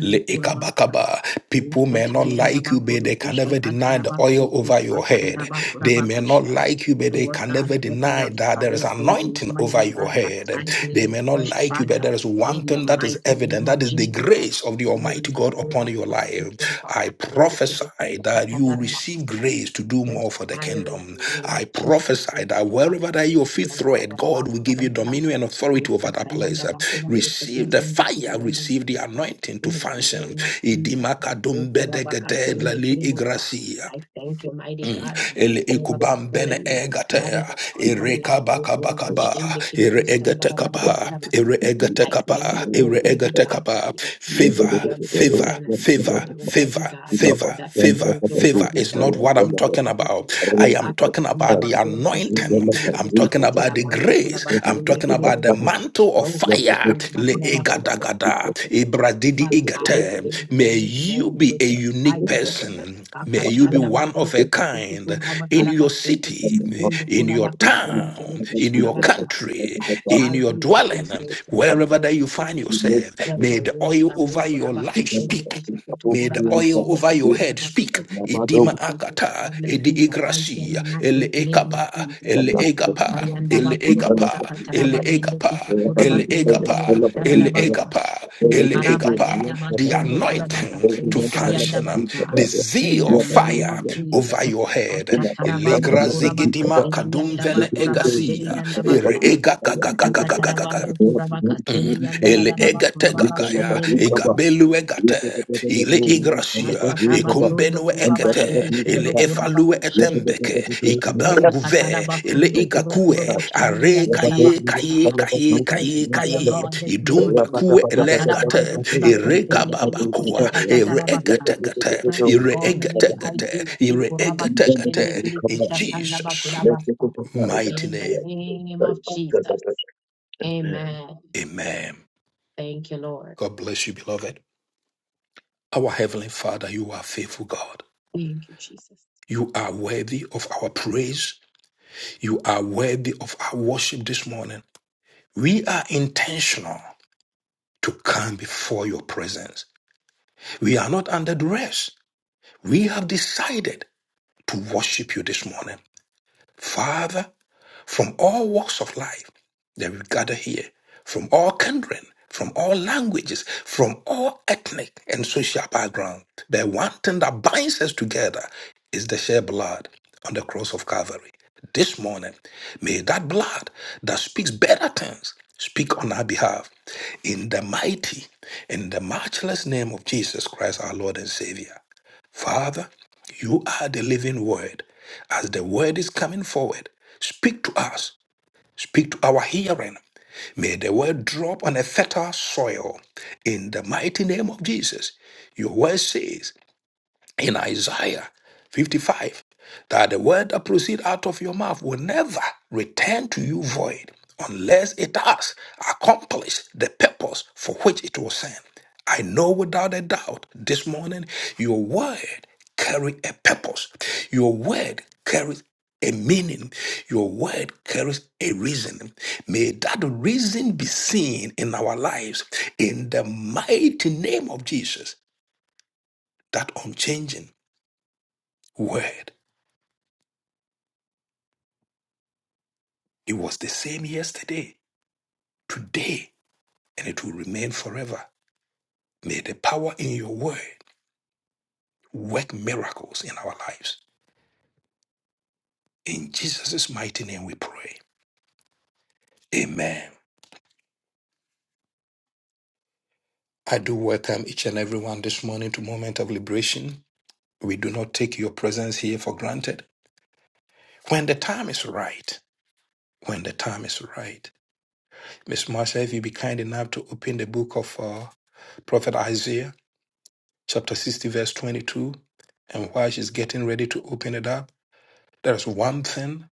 A: Le ekabakaba. People may not like you, but they can never deny the oil over your head. They may not
B: Ushkatayandabakurakushakatarabakurakushatarabakurabakurabakusha.
A: like you, but they
B: Lord
A: can
B: God,
A: never
B: set me
A: deny
B: on
A: that there is
B: fire for you,
A: anointing
B: mighty
A: over your
B: God,
A: head.
B: baptize me
A: They
B: with
A: may not
B: fresh
A: like you, but
B: fire
A: there is one
B: in the
A: thing that is
B: mighty
A: evident
B: name of
A: that is the
B: Jesus.
A: grace of the
B: Holy
A: Almighty God
B: Spirit
A: upon
B: of
A: your life. I prophesy that you will
B: God,
A: receive grace to do
B: Fresh
A: more for the
B: fire in
A: kingdom.
B: the name
A: I
B: of Jesus.
A: prophesy
B: Thank you,
A: that
B: Baba,
A: wherever that
B: Hashem,
A: your feet
B: and
A: throw
B: Bada,
A: it,
B: Bada,
A: God
B: Bada,
A: will give you dominion and authority over that
B: Ushakayanda
A: place.
B: bakora
A: Receive the
B: kuchindi
A: fire,
B: kiriyanda
A: receive the
B: bakusa.
A: anointing to
B: In the
A: function.
B: name of Jesus.
E: Thank
A: Idimakadumbedegede
B: Ukurabakashende
A: lali
B: kiribusa.
A: igrasia.
B: I thank you, mighty
A: Mm.
B: God, for the
A: Ele
B: spirit of
A: ikubam bene
B: excellence uh, that
A: egatea
B: is upon my
A: ere
B: life.
A: kabaka bakaba
B: Ukurabashende
A: ere
B: kirikusanda
A: egatekapa
B: babababababasa.
A: ere
B: I
A: egatekapa
B: thank you,
A: ere
B: Almighty God,
A: egatekapa
B: for the increase
A: favor
B: in the
A: favor
B: anointing and the
A: favor
B: oil, Almighty
A: favor
B: God,
A: favor
B: that
A: favor
B: flows,
A: favor
B: Almighty
A: is
B: God,
A: not what
B: to
A: I'm
B: leave
A: talking
B: residue.
A: about I am talking
B: Akakanda
A: about the
B: bakuru kushende
A: anointing
B: kuri
A: I'm
B: kusta
A: talking
B: katida
A: about the
B: bandu kura
A: grace I'm
B: bashende
A: talking
B: kiri
A: about the
B: busta.
A: mantle of
B: Lord,
A: fire
B: kushanda
A: le
B: bakura
A: egada
B: bakusta.
A: gada, ibradidi
B: Baptize me
A: igate.
B: again
A: May
B: this
A: you
B: morning
A: be
B: with
A: a
B: your
A: unique
B: fire, God.
A: person. May you be
B: Akashanda
A: one
B: bakuru
A: of a
B: kusta kutu
A: kind
B: kura
A: in
B: bakara
A: your
B: basende
A: city,
B: kishi kundu
A: in
B: kura
A: your
B: bakasende kiri
A: town, in your
B: kushara
A: country,
B: I
A: in
B: shall
A: your
B: be the answer
A: dwelling,
B: to
A: wherever
B: people's
A: that you find
B: issues.
A: yourself.
B: The
A: May the oil
B: Baruta me
A: over your
B: Kurabako
A: life
B: send the
A: speak.
B: physical to
A: May the
B: Kurabas
A: oil
B: when
A: over
B: making
A: your head
B: Yandamakota
A: speak.
E: you.
B: to
A: Edima
B: people's
A: akata,
B: problems
A: edi
B: in the mighty and the
A: igracia, ele
B: matchless name of
A: ekaba,
B: Jesus.
A: ele
E: Thank
A: egapa,
B: Utayanda
A: ele
B: Bakuro
A: egapa, ele
B: Kataraba Yende Kiti
A: egapa,
B: Kurabas
A: ele
B: send the
A: egapa,
B: Kiribu
A: ele
B: Charabasa.
A: egapa, ele
B: Ukaraba
A: egapa.
B: Yanda
A: The
B: Bastundo Kurabasa
A: anointing
B: send
A: to
B: the Kirianda
A: function, um,
B: Basa.
A: the
B: In
A: zeal
B: the
A: of
B: name of
A: fire
B: Jesus.
A: over your head. Ele
B: Ashatarabando Kurabasa
A: grazigedima
B: send the
A: kadum
B: Yandaba
A: vene
B: Kurabashiri
A: egacia, ere
B: Yandabasa.
A: ega
B: Ushakatarabambe kurabaka sendi
A: ele
B: yandararaba
A: egate
B: kuraba
A: gagaya
B: shende busa.
A: egabelu egate ile
B: Shindi batasha
A: igracia
B: tabatondo
A: ekumbenu
B: kuraba shede
A: ekete
B: sondo
A: ele
B: kuraba
A: efalue
B: kushede busa.
A: etembeke ikabanguve
B: Ushakataraba
A: ele
B: sondo kuro
A: igakue
B: kurobo
E: you.
B: shendi
A: are
E: Glory of
B: yandaraba
A: kaye
B: kusa.
A: kaye kaye
E: our
B: Fresh
A: kaye
B: fire
A: kaye
B: God this morning.
A: idumbakue elegate
B: Katarabando kura
A: ere
B: kushende kiri
A: kababakua ere egate
B: kushatatarabasa.
A: gate ere
B: Transformative
A: egate gate
B: ideas. si
A: ere
B: Kuraba
A: egate
B: kushende
A: gate
B: kiri
A: in
B: kushatanaba
A: Jesus
B: kurabasa.
A: mighty
B: In the
A: name
B: name of Jesus. Amen.
A: amen
B: Thank you, Lord.
A: god bless you beloved Our Heavenly Father, you are faithful God.
B: Thank you, Jesus.
A: You are worthy of our praise. You are worthy of our worship this morning. We are intentional to come before your presence. We are not under duress. We have decided to worship you this morning. Father, from all walks of life that we gather here, from all kindred, from all languages, from all ethnic and social background. The one thing that binds us together is the shed blood on the cross of Calvary. This morning, may that blood that speaks better things speak on our behalf in the mighty, in the matchless name of Jesus Christ, our Lord and Savior. Father, you are the living word. As the word is coming forward, speak to us, speak to our hearing. May the word drop on a fertile soil. In the mighty name of Jesus, your word says, in Isaiah 55 that the word that proceeds out of your mouth will never return to you void unless it has accomplished the purpose for which it was sent. I know without a doubt this morning your word carry a purpose. Your word carries a meaning. Your word carries a reason. May that reason be seen in our lives in the mighty name of Jesus, that unchanging word. It was the same yesterday, today, and it will remain forever. May the power in your word work miracles in our lives. In Jesus' mighty name we pray. Amen. I do welcome each and everyone this morning to Moment of Liberation. We do not take your presence here for granted. When the time is right, when the time is right. Miss Marsha, if you be kind enough to open the book of uh, Prophet Isaiah, chapter 60, verse 22, and while she's getting ready to open it up, There's one thing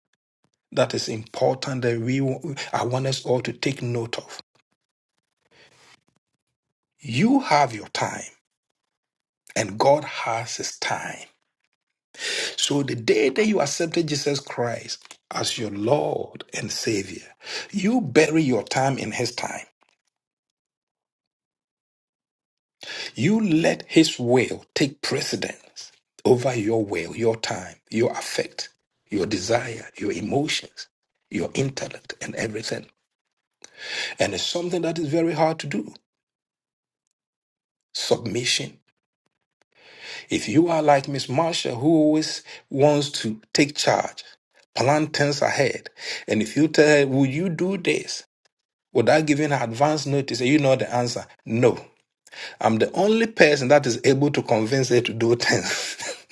A: that is important that we I want us all to take note of. You have your time, and God has His time. So the day that you accepted Jesus Christ as your Lord and Savior, you bury your time in His time. You let His will take precedence over your will, your time, your affect, your desire, your emotions, your intellect, and everything. And it's something that is very hard to do. Submission If you are like Miss Marsha, who always wants to take charge, plan things ahead, and if you tell her, Will you do this? without giving her advance notice, and you know the answer, No. I'm the only person that is able to convince her to do things.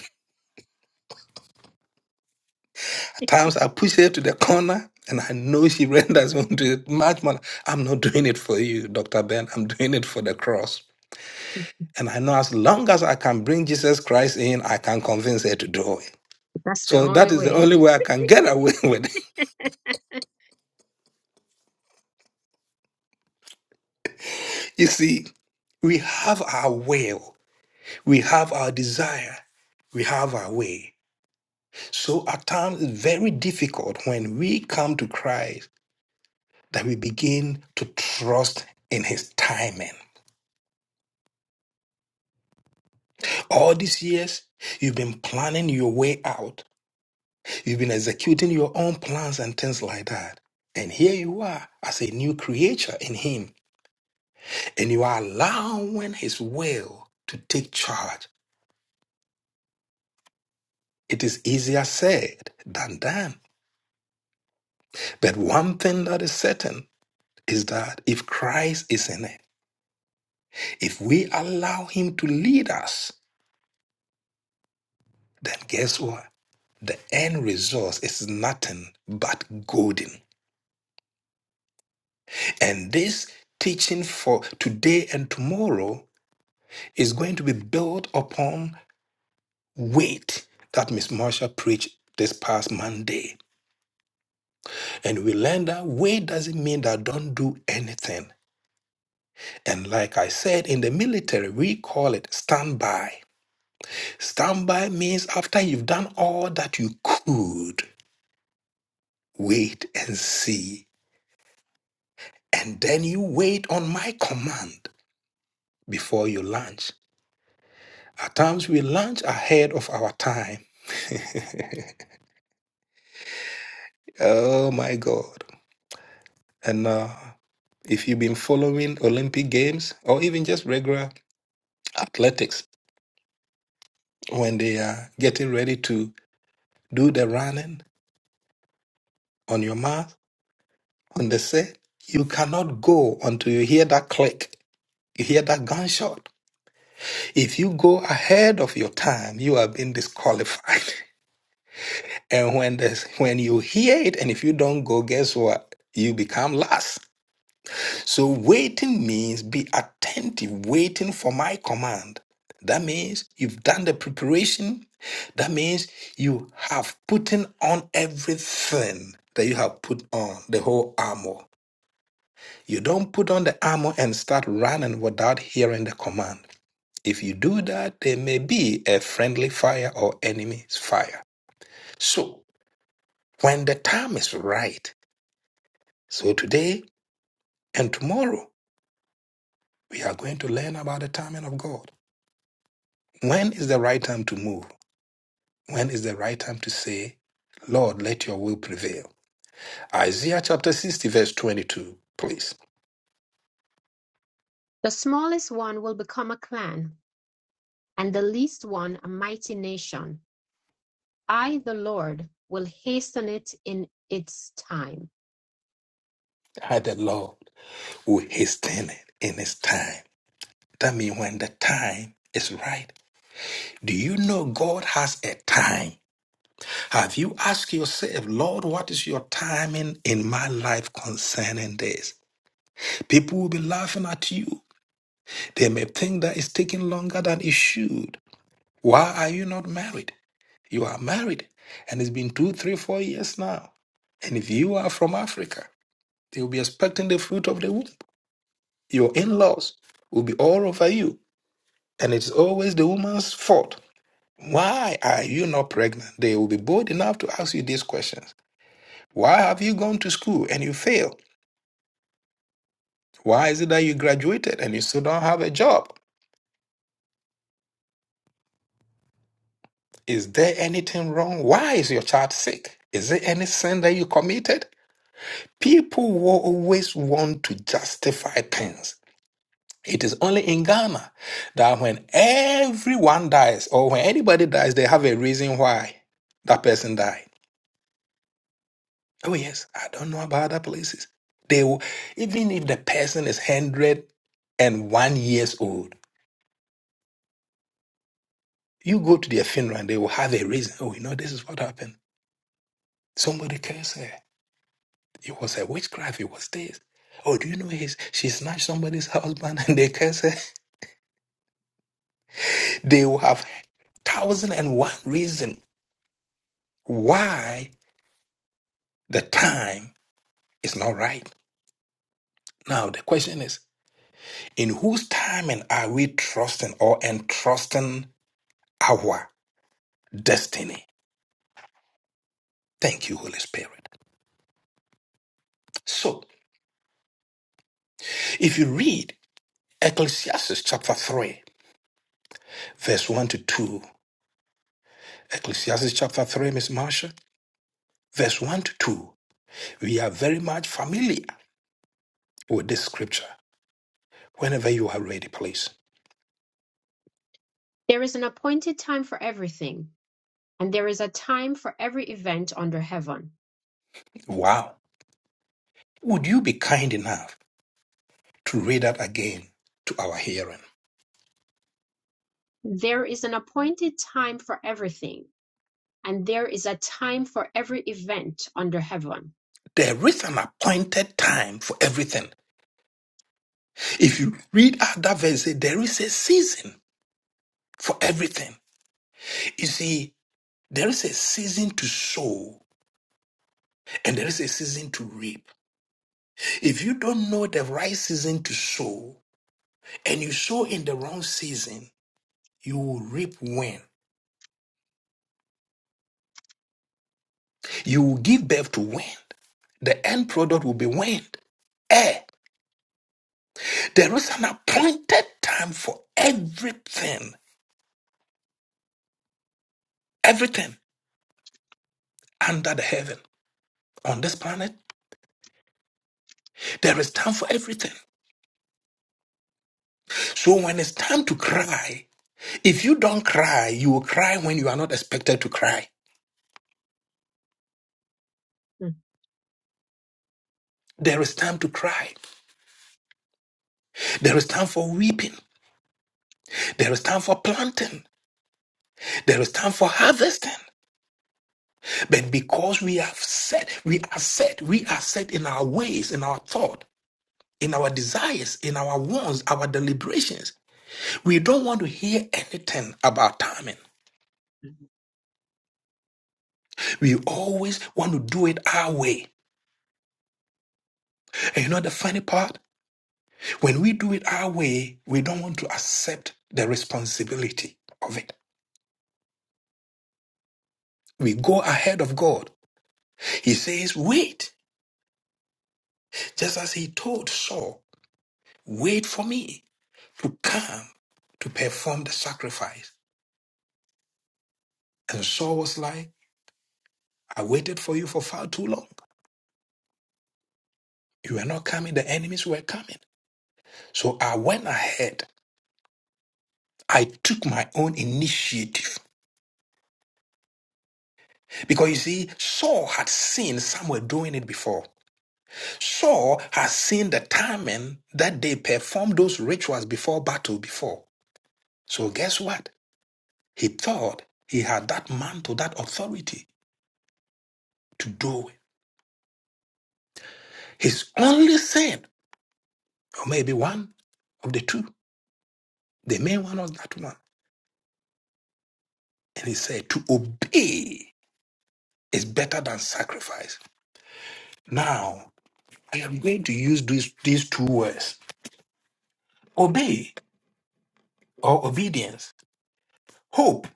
A: At times I push her to the corner. And I know she renders me to it much more. I'm not doing it for you, Dr. Ben. I'm doing it for the cross. And I know as long as I can bring Jesus Christ in, I can convince her to do it.
B: That's the
A: So that
B: only
A: is the
B: way.
A: only way I can get away with it. You see, we have our will, we have our desire, we have our way. So at times it's very difficult when we come to Christ that we begin to trust in his timing. All these years, you've been planning your way out, you've been executing your own plans and things like that. And here you are as a new creature in him, and you are allowing his will to take charge. It is easier said than done. But one thing that is certain is that if Christ is in it, if we allow Him to lead us, then guess what? The end result is nothing but golden. And this teaching for today and tomorrow is going to be built upon weight that Miss Marsha preached this past Monday. And we learned that weight doesn't mean that don't do anything. And like I said in the military, we call it standby. Standby means after you've done all that you could, wait and see. And then you wait on my command before you launch. At times we launch ahead of our time. Oh my God. And uh, if you've been following Olympic Games or even just regular athletics, when they are getting ready to do the running on your mouth, on the set, you cannot go until you hear that click, you hear that gunshot. If you go ahead of your time, you are being disqualified. And when this, when you hear it, and if you don't go, guess what? You become last. So waiting means be attentive, waiting for my command. That means you've done the preparation. That means you have put in on everything that you have put on, the whole armor. You don't put on the armor and start running without hearing the command. If you do that, there may be a friendly fire or enemy's fire. So, when the time is right, so today and tomorrow, we are going to learn about the timing of God. When is the right time to move? When is the right time to say, Lord, let your will prevail? Isaiah chapter 60, verse 22, please.
B: The smallest one will become a clan, and the least one a mighty nation. I, the Lord, will hasten it in its time.
A: I, the Lord, will hasten it in his time. That means when the time is right. Do you know God has a time? Have you asked yourself, Lord, what is your timing in my life concerning this? People will be laughing at you. They may think that it's taking longer than it should. Why are you not married? You are married, and it's been two, three, four years now. And if you are from Africa, they will be expecting the fruit of the womb. Your in laws will be all over you, and it's always the woman's fault. Why are you not pregnant? They will be bold enough to ask you these questions. Why have you gone to school and you failed? Why is it that you graduated and you still don't have a job? Is there anything wrong? Why is your child sick? Is there any sin that you committed? People will always want to justify things. It is only in Ghana that when everyone dies or when anybody dies, they have a reason why that person died. Oh, yes, I don't know about other places. They will, even if the person is 101 years old, You go to their funeral and they will have a reason. Oh, you know, this is what happened. Somebody cursed her. It was a witchcraft. It was this. Oh, do you know his, she snatched somebody's husband and they cursed her? They will have thousand and one reason why the time is not right. Now, the question is, in whose timing are we trusting or entrusting our destiny? Thank you, Holy Spirit. So, if you read Ecclesiastes chapter 3, verse 1 to 2, Ecclesiastes chapter 3, Miss Marsha, verse 1 to 2. We are very much familiar with this scripture. Whenever you are ready, please.
B: There is an appointed time for everything, and there is a time for every event under heaven.
A: Wow. Would you be kind enough to read that again to our hearing?
B: There is an appointed time for everything, and there is a time for every event under heaven.
A: There is an appointed time for everything. If you read other verses, there is a season for everything. You see, there is a season to sow and there is a season to reap. If you don't know the right season to sow and you sow in the wrong season, You will reap wind. You will give birth to wind. The end product will be wind. Air. There is an appointed time for everything. Everything under the heaven. On this planet, there is time for everything. So when it's time to cry, if you don't cry, you will cry when you are not expected to cry. There is time to cry. There is time for weeping. There is time for planting. There is time for harvesting. But because we have set, we are set, we are set in our ways, in our thought, in our desires, in our wants, our deliberations. We don't want to hear anything about timing.
B: Mhm.
A: We always want to do it our way. And you know the funny part? When we do it our way, we don't want to accept the responsibility of it. We go ahead of God. He says, wait, just as he told Saul, wait for me to come to perform the sacrifice. And Saul was like, I waited for you for far too long. You were not coming, the enemies were coming. So I went ahead. I took my own initiative. Because you see, Saul had seen some doing it before. Saul had seen the timing that they performed those rituals before battle before. So guess what? He thought he had that mantle, that authority to do it. His only sin, or maybe one of the two, the main one was that one And he said, To obey is better than sacrifice. Now, I am going to use these, these two words obey or obedience. Hope,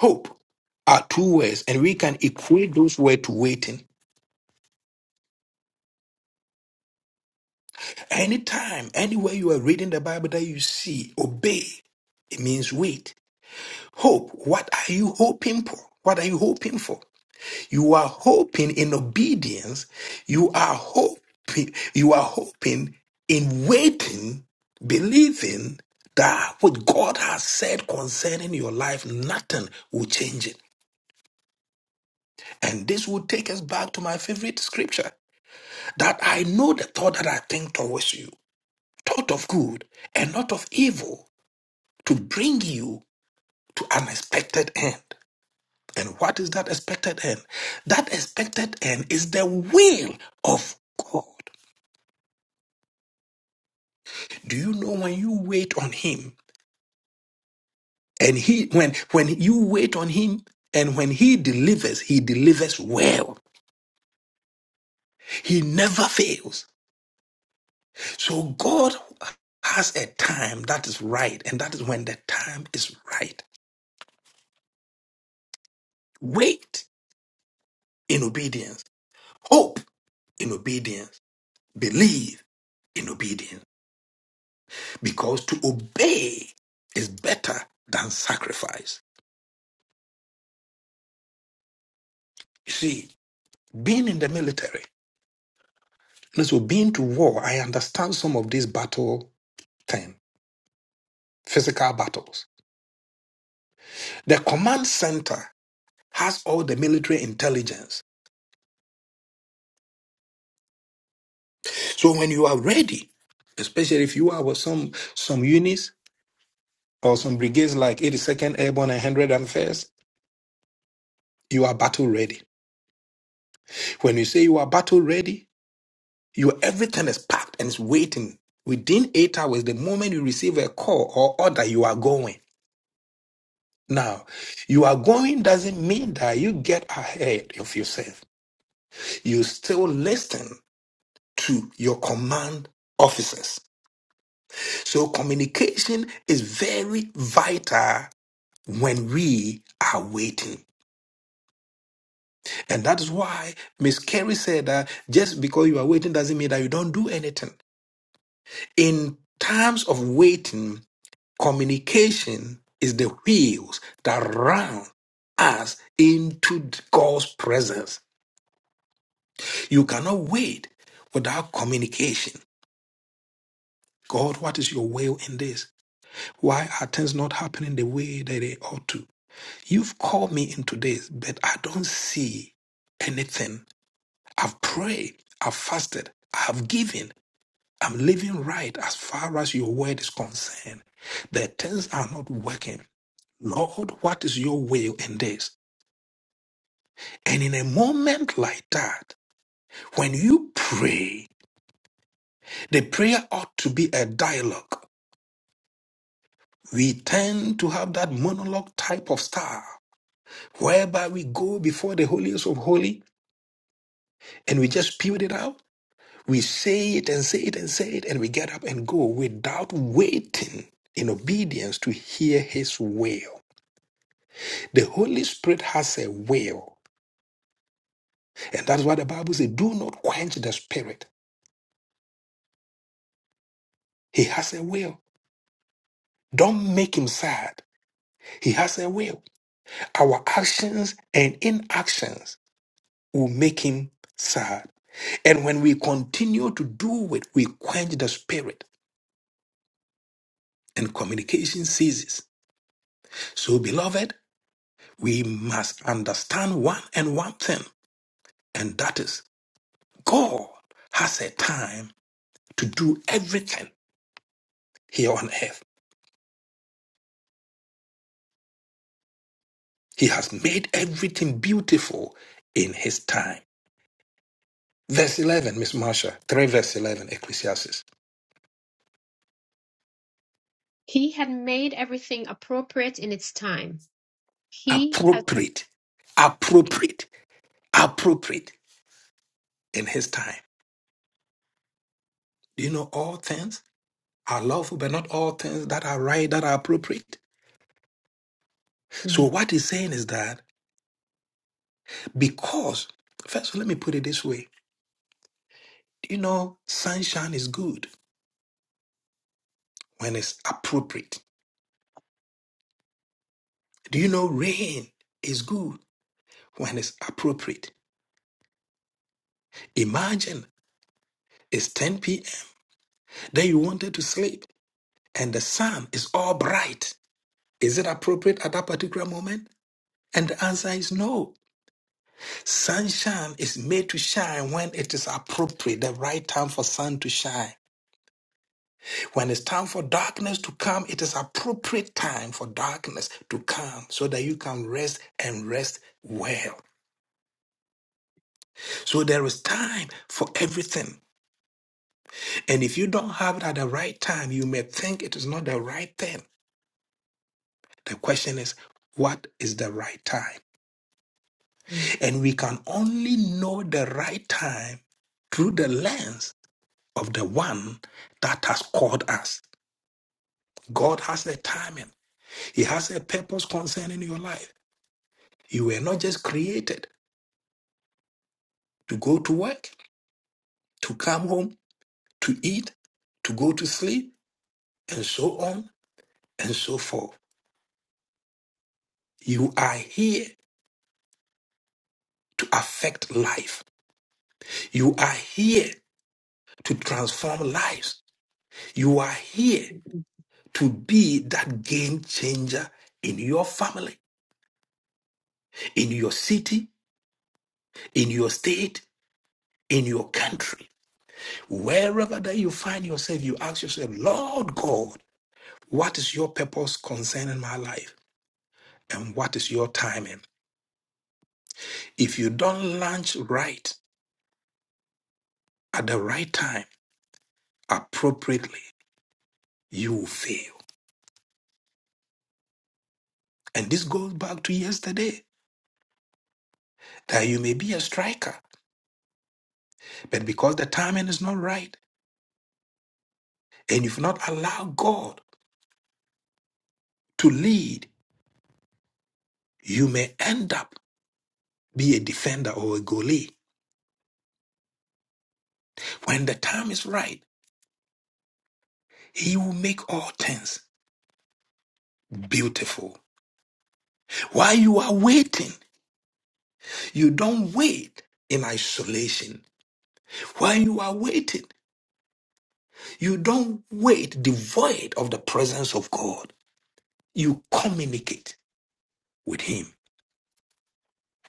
A: hope are two words, and we can equate those words to waiting. Anytime, anywhere you are reading the Bible that you see, obey, it means wait. Hope, what are you hoping for? What are you hoping for? You are hoping in obedience. You are hoping, you are hoping in waiting, believing that what God has said concerning your life, nothing will change it. And this will take us back to my favorite scripture that I know the thought that I think towards you, thought of good and not of evil, to bring you to an expected end. And what is that expected end? That expected end is the will of God. Do you know when you wait on him and he when when you wait on him and when he delivers, he delivers well. He never fails. So God has a time that is right, and that is when the time is right. Wait in obedience, hope in obedience, believe in obedience, because to obey is better than sacrifice. You see, being in the military And so being to war, I understand some of this battle thing, physical battles. The command center has all the military intelligence. So when you are ready, especially if you are with some some units or some brigades like 82nd Airborne and 101st, you are battle ready. When you say you are battle ready, your everything is packed and is waiting. Within eight hours, the moment you receive a call or order, you are going. Now, you are going doesn't mean that you get ahead of yourself. you still listen to your command officers. So communication is very vital when we are waiting. And that is why Miss Carey said that just because you are waiting doesn't mean that you don't do anything. In times of waiting, communication is the wheels that run us into God's presence. You cannot wait without communication. God, what is your will in this? Why are things not happening the way that they ought to? You've called me into this, but I don't see anything. I've prayed, I've fasted, I've given, I'm living right as far as your word is concerned. The things are not working. Lord, what is your will in this? And in a moment like that, when you pray, the prayer ought to be a dialogue. We tend to have that monologue type of style whereby we go before the holiest of holy and we just spew it out. We say it and say it and say it, and we get up and go without waiting in obedience to hear his will. The Holy Spirit has a will, and that's why the Bible says, Do not quench the spirit. He has a will. Don't make him sad. He has a will. Our actions and inactions will make him sad. And when we continue to do it, we quench the spirit. and communication ceases. So, beloved, we must understand one and one thing, and that is God has a time to do everything here on earth. He has made everything beautiful in His time. Verse 11, Miss Marsha, 3 verse 11, Ecclesiastes.
B: He had made everything appropriate in its time. He has
A: Appropriate, appropriate, appropriate in His time. Do you know all things are lawful, but not all things that are right, that are appropriate? So,
B: Mhm.
A: what he's saying is that Because, first of all, let me put it this way. Do you know sunshine is good when it's appropriate? Do you know rain is good when it's appropriate? Imagine it's 10 p.m., then you wanted to sleep, and the sun is all bright. Is it appropriate at that particular moment? And the answer is no. Sunshine is made to shine when it is appropriate, the right time for sun to shine. When it's time for darkness to come, it is appropriate time for darkness to come so that you can rest and rest well. So there is time for everything. And if you don't have it at the right time, you may think it is not the right thing. The question is, what is the right time?
B: Mm.
A: And we can only know the right time through the lens of the one that has called us. God has a timing, He has a purpose concerning your life. You were not just created. to go to work, to come home, to eat, to go to sleep, and so on and so forth. You are here to affect life. You are here to transform lives. You are here to be that game changer in your family, in your city, in your state, in your country. Wherever that you find yourself, you ask yourself, Lord God, what is your purpose concerning my life? And what is your timing? If you don't launch right at the right time, appropriately, you will fail. And this goes back to yesterday that you may be a striker, but because the timing is not right and you've not allowed God to lead, you may end up be a defender or a goalie. When the time is right, He will make all things beautiful. While you are waiting, you don't wait in isolation. While you are waiting, You don't wait devoid of the presence of God. You communicate with Him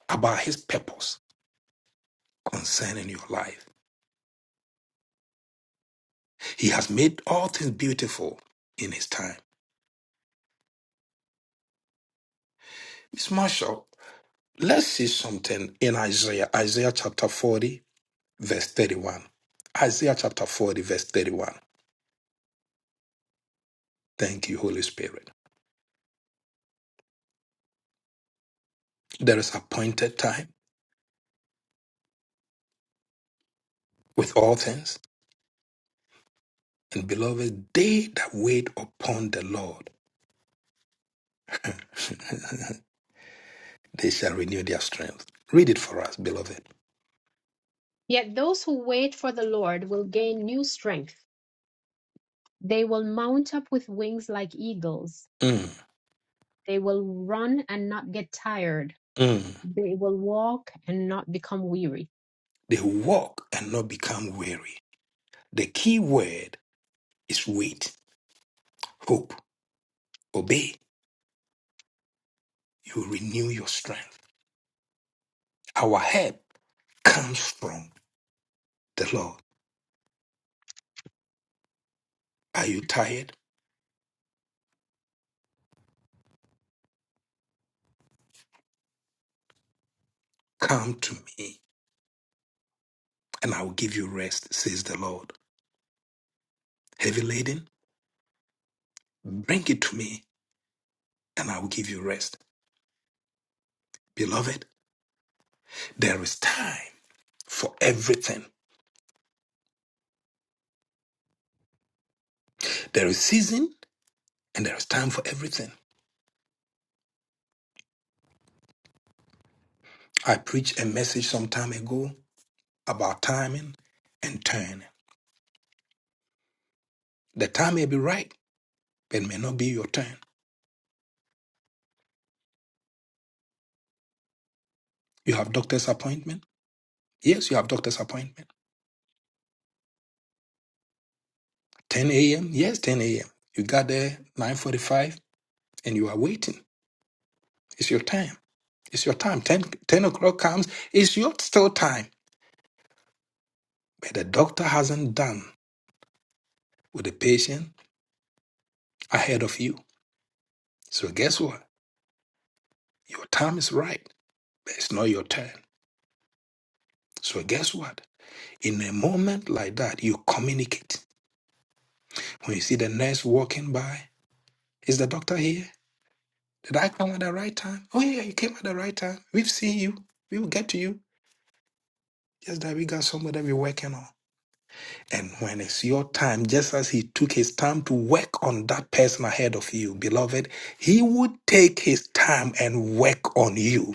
A: about His purpose concerning your life. He has made all things beautiful in His time. Miss Marshall, let's see something in Isaiah, Isaiah chapter 40, verse 31. Isaiah chapter 40, verse 31. Thank you, Holy Spirit. There is appointed time with all things, and beloved, they that wait upon the Lord They shall renew their strength. Read it for us, beloved.
B: Yet those who wait for the Lord will gain new strength. They will mount up with wings like eagles.
A: Mm,
B: They will run and not get tired.
A: mm.
B: They will walk and not become weary.
A: They walk and not become weary. The key word is wait, hope, obey. You renew your strength. Our help comes from the Lord. Are you tired? Come to me and I will give you rest, says the Lord. Heavy laden? Bring it to me and I will give you rest. Beloved, there is time for everything. There is season and there is time for everything. I preached a message some time ago about timing and turn. The time may be right, but it may not be your turn. You have doctor's appointment? Yes, you have doctor's appointment. 10 a.m.? Yes, 10 a.m. You got there 9.45 and you are waiting. It's your time. It's your time. 10, 10 o'clock comes, it's your still time. But the doctor hasn't done with the patient ahead of you. So guess what? Your time is right, but it's not your turn. So guess what? In a moment like that, you communicate. When you see the nurse walking by, is the doctor here? Did I come at the right time? Oh, yeah, you came at the right time. We've seen you. We will get to you. Just that we got somebody that we're working on. And when it's your time, just as he took his time to work on that person ahead of you, beloved, he would take his time and work on you.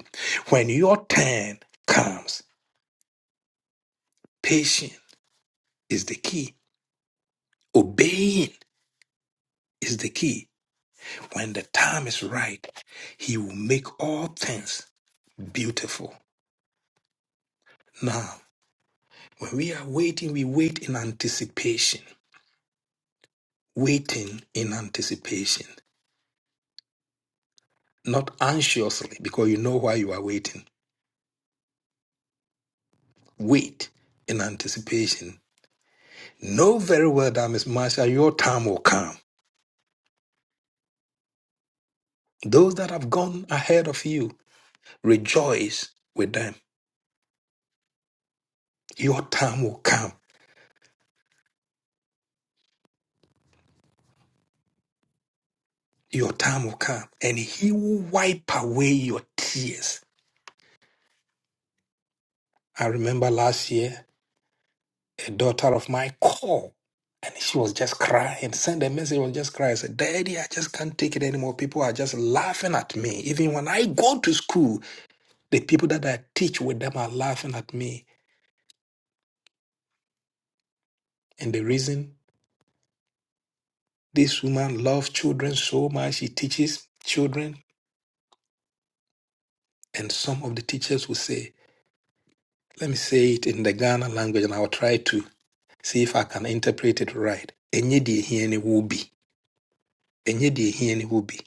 A: When your turn comes, patience is the key. Obeying is the key When the time is right, He will make all things beautiful. Now, when we are waiting, we wait in anticipation. Waiting in anticipation, not anxiously, because you know why you are waiting. Wait in anticipation. Know very well that, Miss Marcia, your time will come. Those that have gone ahead of you, rejoice with them. Your time will come. Your time will come. And He will wipe away your tears. I remember last year, a daughter of mine called and she was just crying, sent a message, was just crying. I said, Daddy, I just can't take it anymore. People are just laughing at me. Even when I go to school, the people that I teach with them are laughing at me. And the reason this woman loves children so much, she teaches children. And some of the teachers will say, Let me say it in the Ghana language and I'll try to see if I can interpret it right. Enye die hieni wubi. Enye die hieni wubi.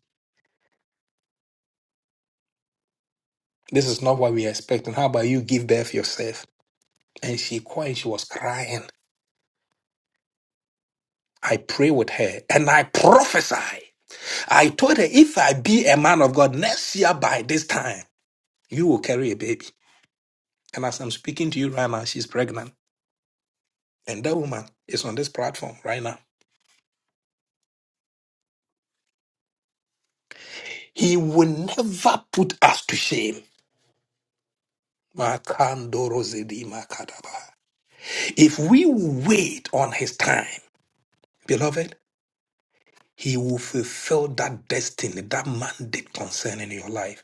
A: This is not what we expect. And How about you give birth yourself? And she cried, she was crying. I pray with her and I prophesy. I told her, if I be a man of God next year by this time, you will carry a baby. And as I'm speaking to you right now, she's pregnant. And that woman is on this platform right now. He will never put us to shame. Makandorozedi makadaba. If we wait on his time, beloved, He will fulfill that destiny, that mandate concerning your life.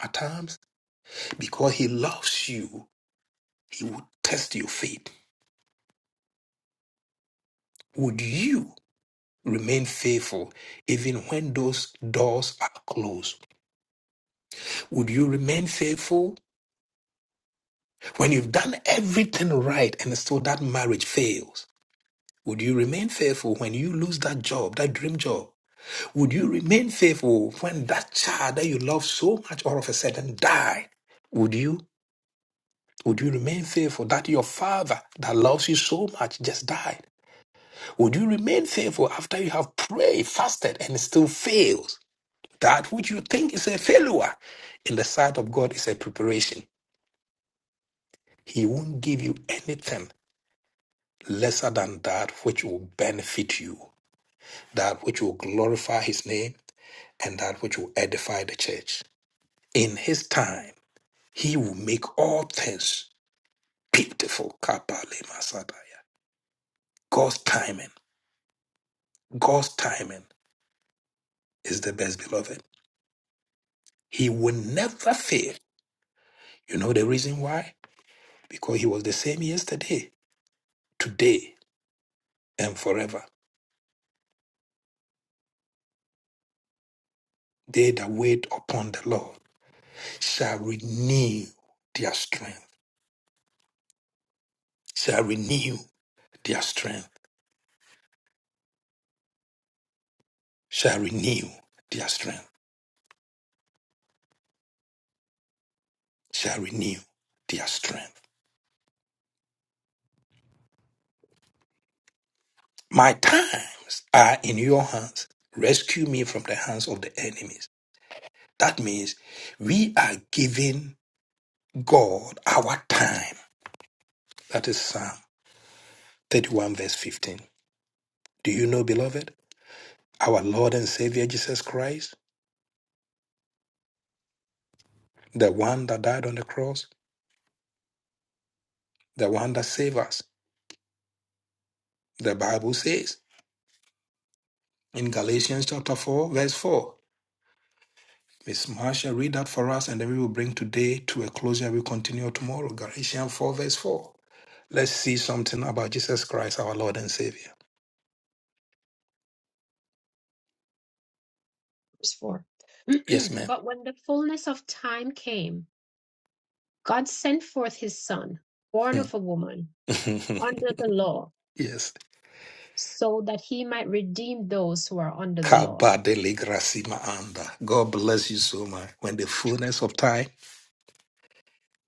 A: At times, because He loves you, He will test your faith. Would you remain faithful even when those doors are closed? Would you remain faithful when you've done everything right and still that marriage fails? Would you remain faithful when you lose that job, that dream job? Would you remain faithful when that child that you love so much all of a sudden die? Would you? Would you remain faithful that your father that loves you so much just died? Would you remain faithful after you have prayed, fasted, and it still fails? That which you think is a failure in the sight of God is a preparation. He won't give you anything lesser than that which will benefit you, that which will glorify His name, and that which will edify the church. In His time, He will make all things beautiful. Kapale Masadaya. God's timing. God's timing. is the best beloved. He will never fail. You know the reason why? Because he was the same yesterday, today, and forever. They that wait upon the Lord shall renew their strength, shall renew their strength, shall renew their strength, shall renew their strength. My times are in your hands. Rescue me from the hands of the enemies. That means we are giving God our time. That is Psalm 31 verse 15. Do you know, beloved, our Lord and Savior Jesus Christ, the one that died on the cross, the one that saved us? The Bible says in Galatians chapter 4, verse 4. Miss Marsha, read that for us and then we will bring today to a closure. We continue tomorrow. Galatians 4, verse 4. Let's see something about Jesus Christ, our Lord and Savior.
B: Verse 4.
A: Yes, ma'am.
B: but when the fullness of time came, God sent forth his son, born
A: Hmm.
B: of a woman, under the law.
A: yes.
B: so that he might redeem those who are under the law.
A: Kabadele grasima anda. God bless you so much. When the fullness of time,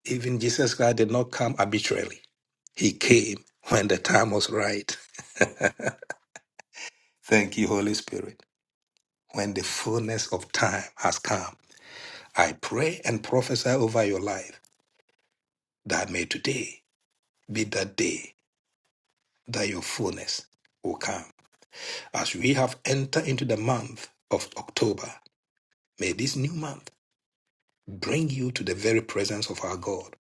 A: Even Jesus Christ did not come arbitrarily. He came when the time was right. Thank you, Holy Spirit. When the fullness of time has come, I pray and prophesy over your life that may today be the day that your fullness will come. As we have entered into the month of October, may this new month bring you to the very presence of our God.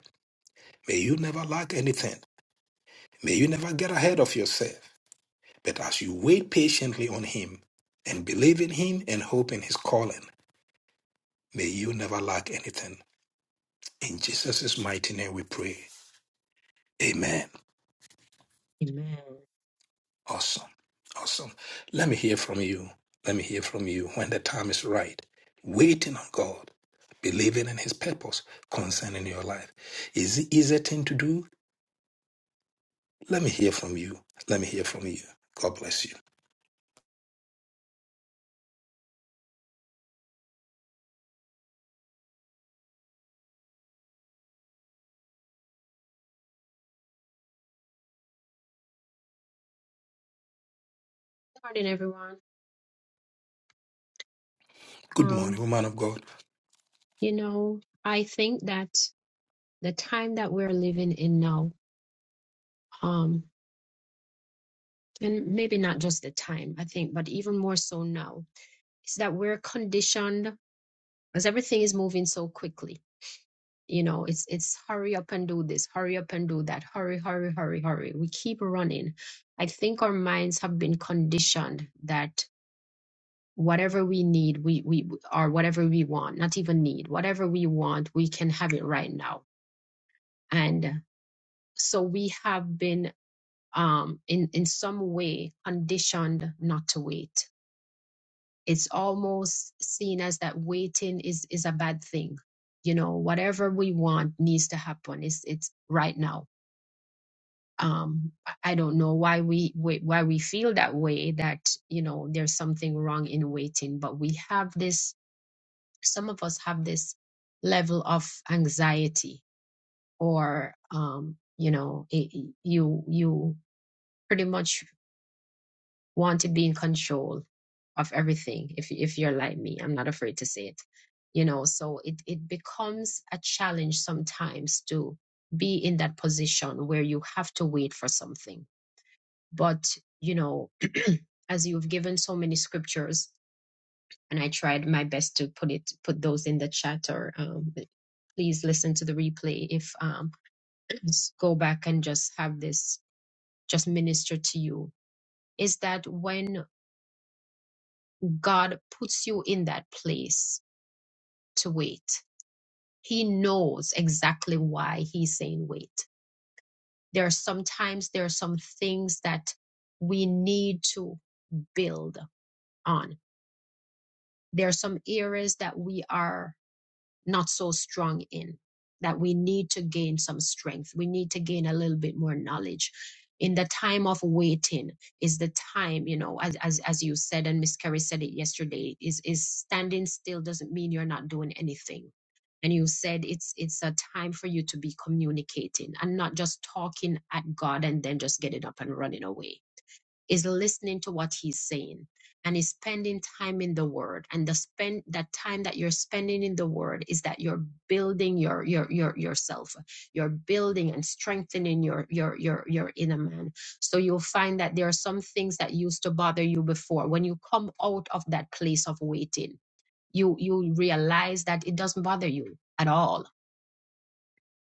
A: May you never lack anything. May you never get ahead of yourself. That as you wait patiently on Him and believe in Him and hope in His calling, may you never lack anything. In Jesus' mighty name we pray. Amen.
B: Amen. Good
A: Awesome. Awesome. Let me hear from you. Let me hear from you when the time is right. Waiting on God, believing in His purpose concerning your life. Is it easy thing to do? Let me hear from you. Let me hear from you. God bless you.
B: Morning, everyone.
A: Good morning,
B: Um,
A: woman of God.
B: you know, I think that the time that we're living in now, um, and maybe not just the time, I think, but even more so now, is that we're conditioned because everything is moving so quickly. You know, it's it's hurry up and do this, hurry up and do that, hurry, hurry, hurry, hurry. We keep running. I think our minds have been conditioned that whatever we need we we or whatever we want not even need whatever we want we can have it right now and so we have been um in in some way conditioned not to wait it's almost seen as that waiting is is a bad thing you know whatever we want needs to happen it's it's right now um i don't know why we why we feel that way that you know there's something wrong in waiting but we have this some of us have this level of anxiety or um you know it, you you pretty much want to be in control of everything if if you're like me i'm not afraid to say it you know so it it becomes a challenge sometimes to be in that position where you have to wait for something but you know as you've given so many scriptures and I tried my best to put it put those in the chat or um, please listen to the replay if um just go back and just have this just minister to you is that when God puts you in that place to wait he knows exactly why he's saying wait there are sometimes there are some things that we need to build on there are some areas that we are not so strong in, that we need to gain some strength. We need to gain a little bit more knowledge. In the time of waiting is the time, you know, as as as you said and Miss Kerry said it yesterday, is is standing still doesn't mean you're not doing anything. And you said it's it's a time for you to be communicating and not just talking at God and then just getting up and running away is listening to what he's saying and is spending time in the word and the spend that time that you're spending in the word is that you're building your your your yourself you're building and strengthening your your your your inner man so you'll find that there are some things that used to bother you before when you come out of that place of waiting you you realize that it doesn't bother you at all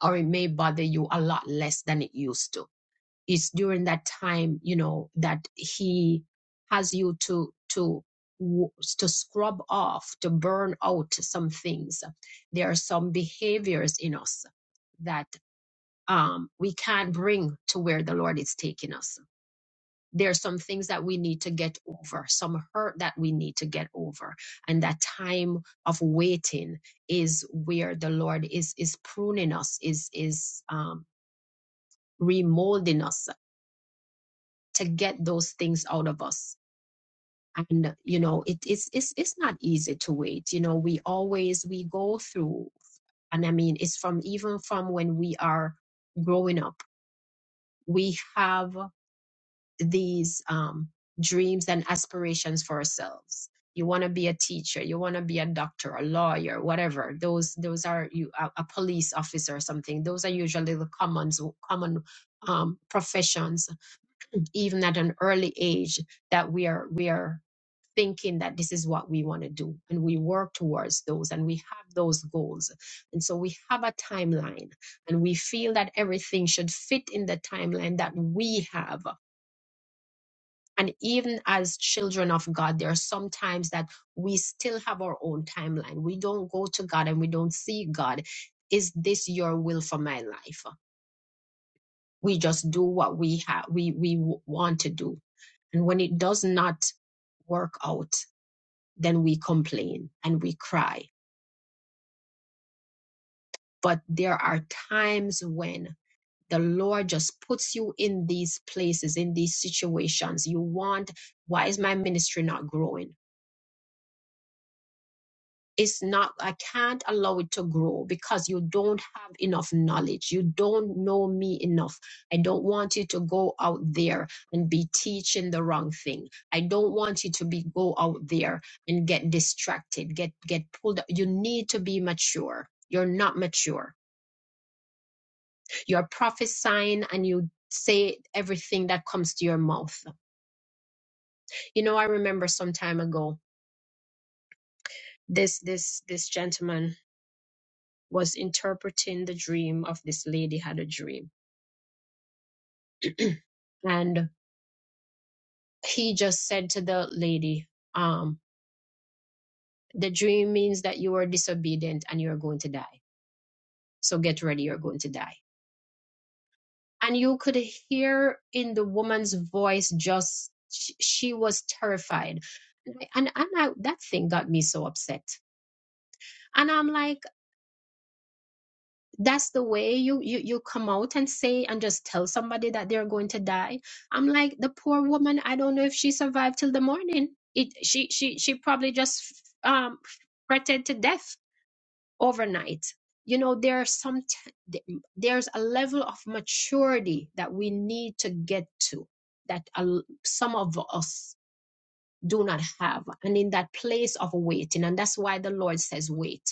B: or it may bother you a lot less than it used to it's during that time you know that he has you to to w- to scrub off to burn out some things there are some behaviors in us that um we can't bring to where the lord is taking us there are some things that we need to get over some hurt that we need to get over and that time of waiting is where the lord is is pruning us is is um remolding us to get those things out of us and you know it, it's it's it's not easy to wait you know we always we go through and i mean it's from even from when we are growing up we have these um, dreams and aspirations for ourselves you want to be a teacher you want to be a doctor a lawyer whatever those those are you a, a police officer or something those are usually the commons common um, professions even at an early age that we are we are thinking that this is what we want to do and we work towards those and we have those goals and so we have a timeline and we feel that everything should fit in the timeline that we have and even as children of god there are some times that we still have our own timeline we don't go to god and we don't see god is this your will for my life we just do what we have we we w- want to do And when it does not work out, then we complain and we cry. But there are times when the Lord just puts you in these places, in these situations. You want, why is my ministry not growing? it's not i can't allow it to grow because you don't have enough knowledge you don't know me enough i don't want you to go out there and be teaching the wrong thing i don't want you to be go out there and get distracted get get pulled up you need to be mature you're not mature you're prophesying and you say everything that comes to your mouth you know i remember some time ago this this this gentleman was interpreting the dream of this lady had a dream. and he just said to the lady, um, the dream means that you are disobedient and you're going to die. So get ready, you're going to die. And you could hear in the woman's voice just she, she was terrified. And, and and I, that thing got me so upset. And I'm like, that's the way you you you come out and say and just tell somebody that they're going to die i'm like the poor woman i don't know if she survived till the morning it she she she probably just um fretted to death overnight you know there are some t- there's a level of maturity that we need to get to that a l- some of us do not have and in that place of waiting and that's why the lord says wait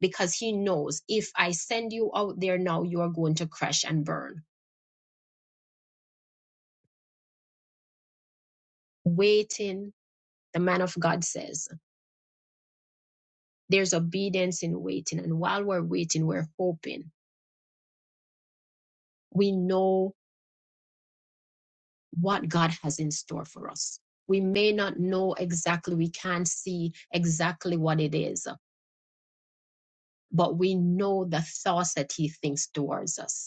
B: because he knows if I send you out there now, you are going to crash and burn. Waiting, the man of God says, there's obedience in waiting. And while we're waiting, we're hoping. We know what God has in store for us. We may not know exactly, we can't see exactly what it is, but we know the thoughts that He thinks towards us.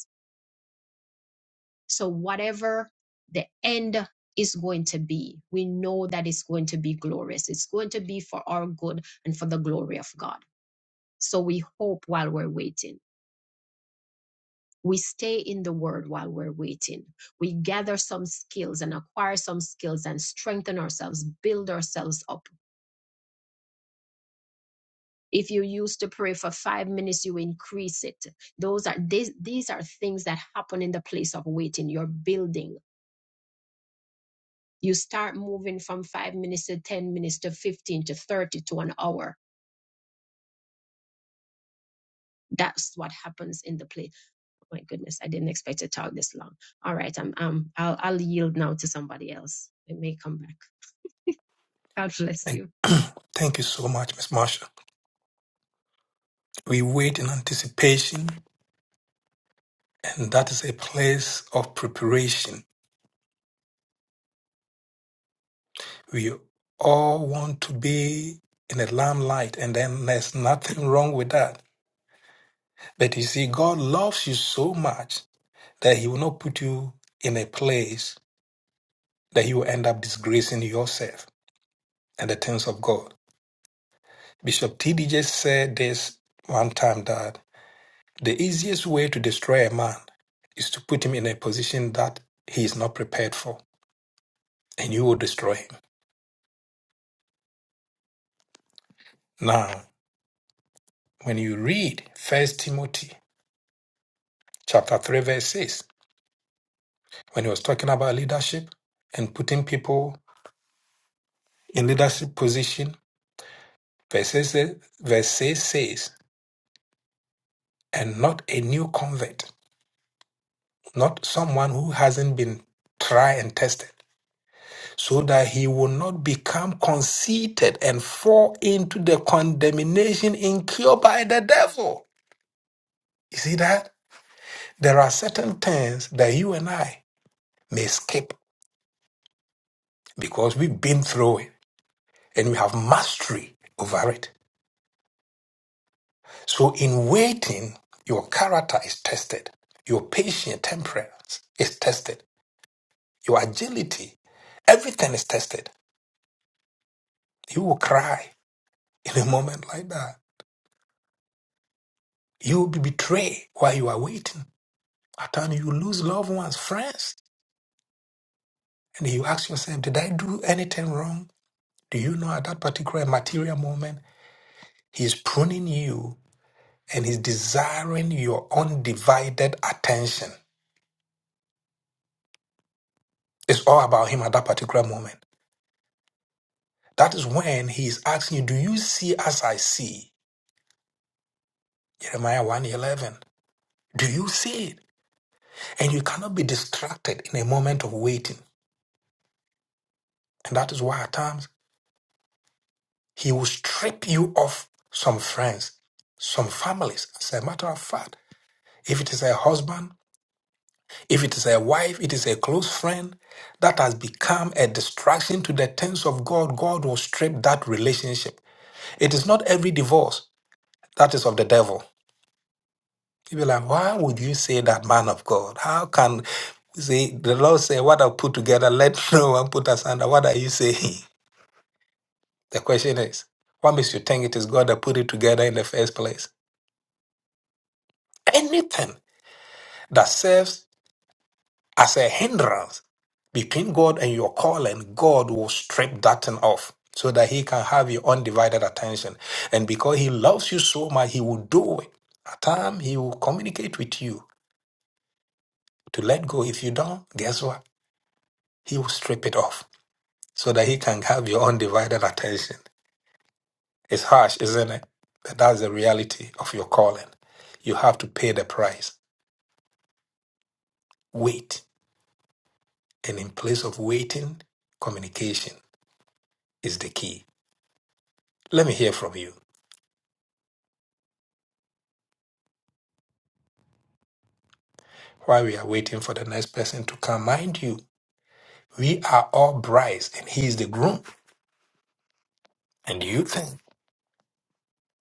B: So, whatever the end is going to be, we know that it's going to be glorious. It's going to be for our good and for the glory of God. So, we hope while we're waiting. We stay in the word while we're waiting. We gather some skills and acquire some skills and strengthen ourselves, build ourselves up. If you used to pray for five minutes, you increase it. Those are these, these are things that happen in the place of waiting. You're building you start moving from five minutes to 10 minutes to 15 to 30 to an hour. That's what happens in the play. Oh My goodness, I didn't expect to talk this long. All right, I'm, um, I'll, I'll yield now to somebody else. It may come back. God bless
A: And
B: you.
A: thank you so much, Miss Marsha. We wait in anticipation And that is a place of preparation. We all want to be in the limelight, and then there's nothing wrong with that. But you see, God loves you so much that He will not put you in a place that you will end up disgracing yourself and the things of God. Bishop T.D. just said this one time that the easiest way to destroy a man is to put him in a position that he is not prepared for, and you will destroy him. Now, When you read First Timothy chapter 3, verse 6, when he was talking about leadership and putting people in leadership position, verse 6 says, verse 6 says, and not a new convert, not someone who hasn't been tried and tested, so that he will not become conceited and fall into the condemnation incurred by the devil. You see that? There are certain things that you and I may skip because we've been through it. and you have mastery over it. So in waiting, your character is tested, your patient temperance is tested, your agility, everything is tested. You will cry in a moment like that. You will be betrayed while you are waiting. At times you lose loved ones, friends, and you ask yourself, did I do anything wrong? Do you know at that particular material moment, he's pruning you and he's desiring your undivided attention. It's all about him at that particular moment. That is when he is asking you, Do you see as I see? Jeremiah one eleven. Do you see it? And you cannot be distracted in a moment of waiting. And that is why at times he will strip you of some friends, some families. As a matter of fact, if it is a husband, if it is a wife, it is a close friend that has become a distraction to the things of God, God will strip that relationship. It is not every divorce that is of the devil. People be like, why would you say that man of God? How can you see the Lord say what I put together, let no one put us under. What are you saying? The question is, what makes you think it is God that put it together in the first place? Anything that serves as a hindrance between God and your calling, God will strip that thing off so that He can have your undivided attention. And because He loves you so much, He will do it. At time He will communicate with you to let go. If you don't, guess what? He will strip it off so that he can have your undivided attention. It's harsh, isn't it? But that's the reality of your calling. You have to pay the price. Wait. And in place of waiting, communication is the key. Let me hear from you. While we are waiting for the next person to come, mind you, we are all brides and he is the groom. And do you think,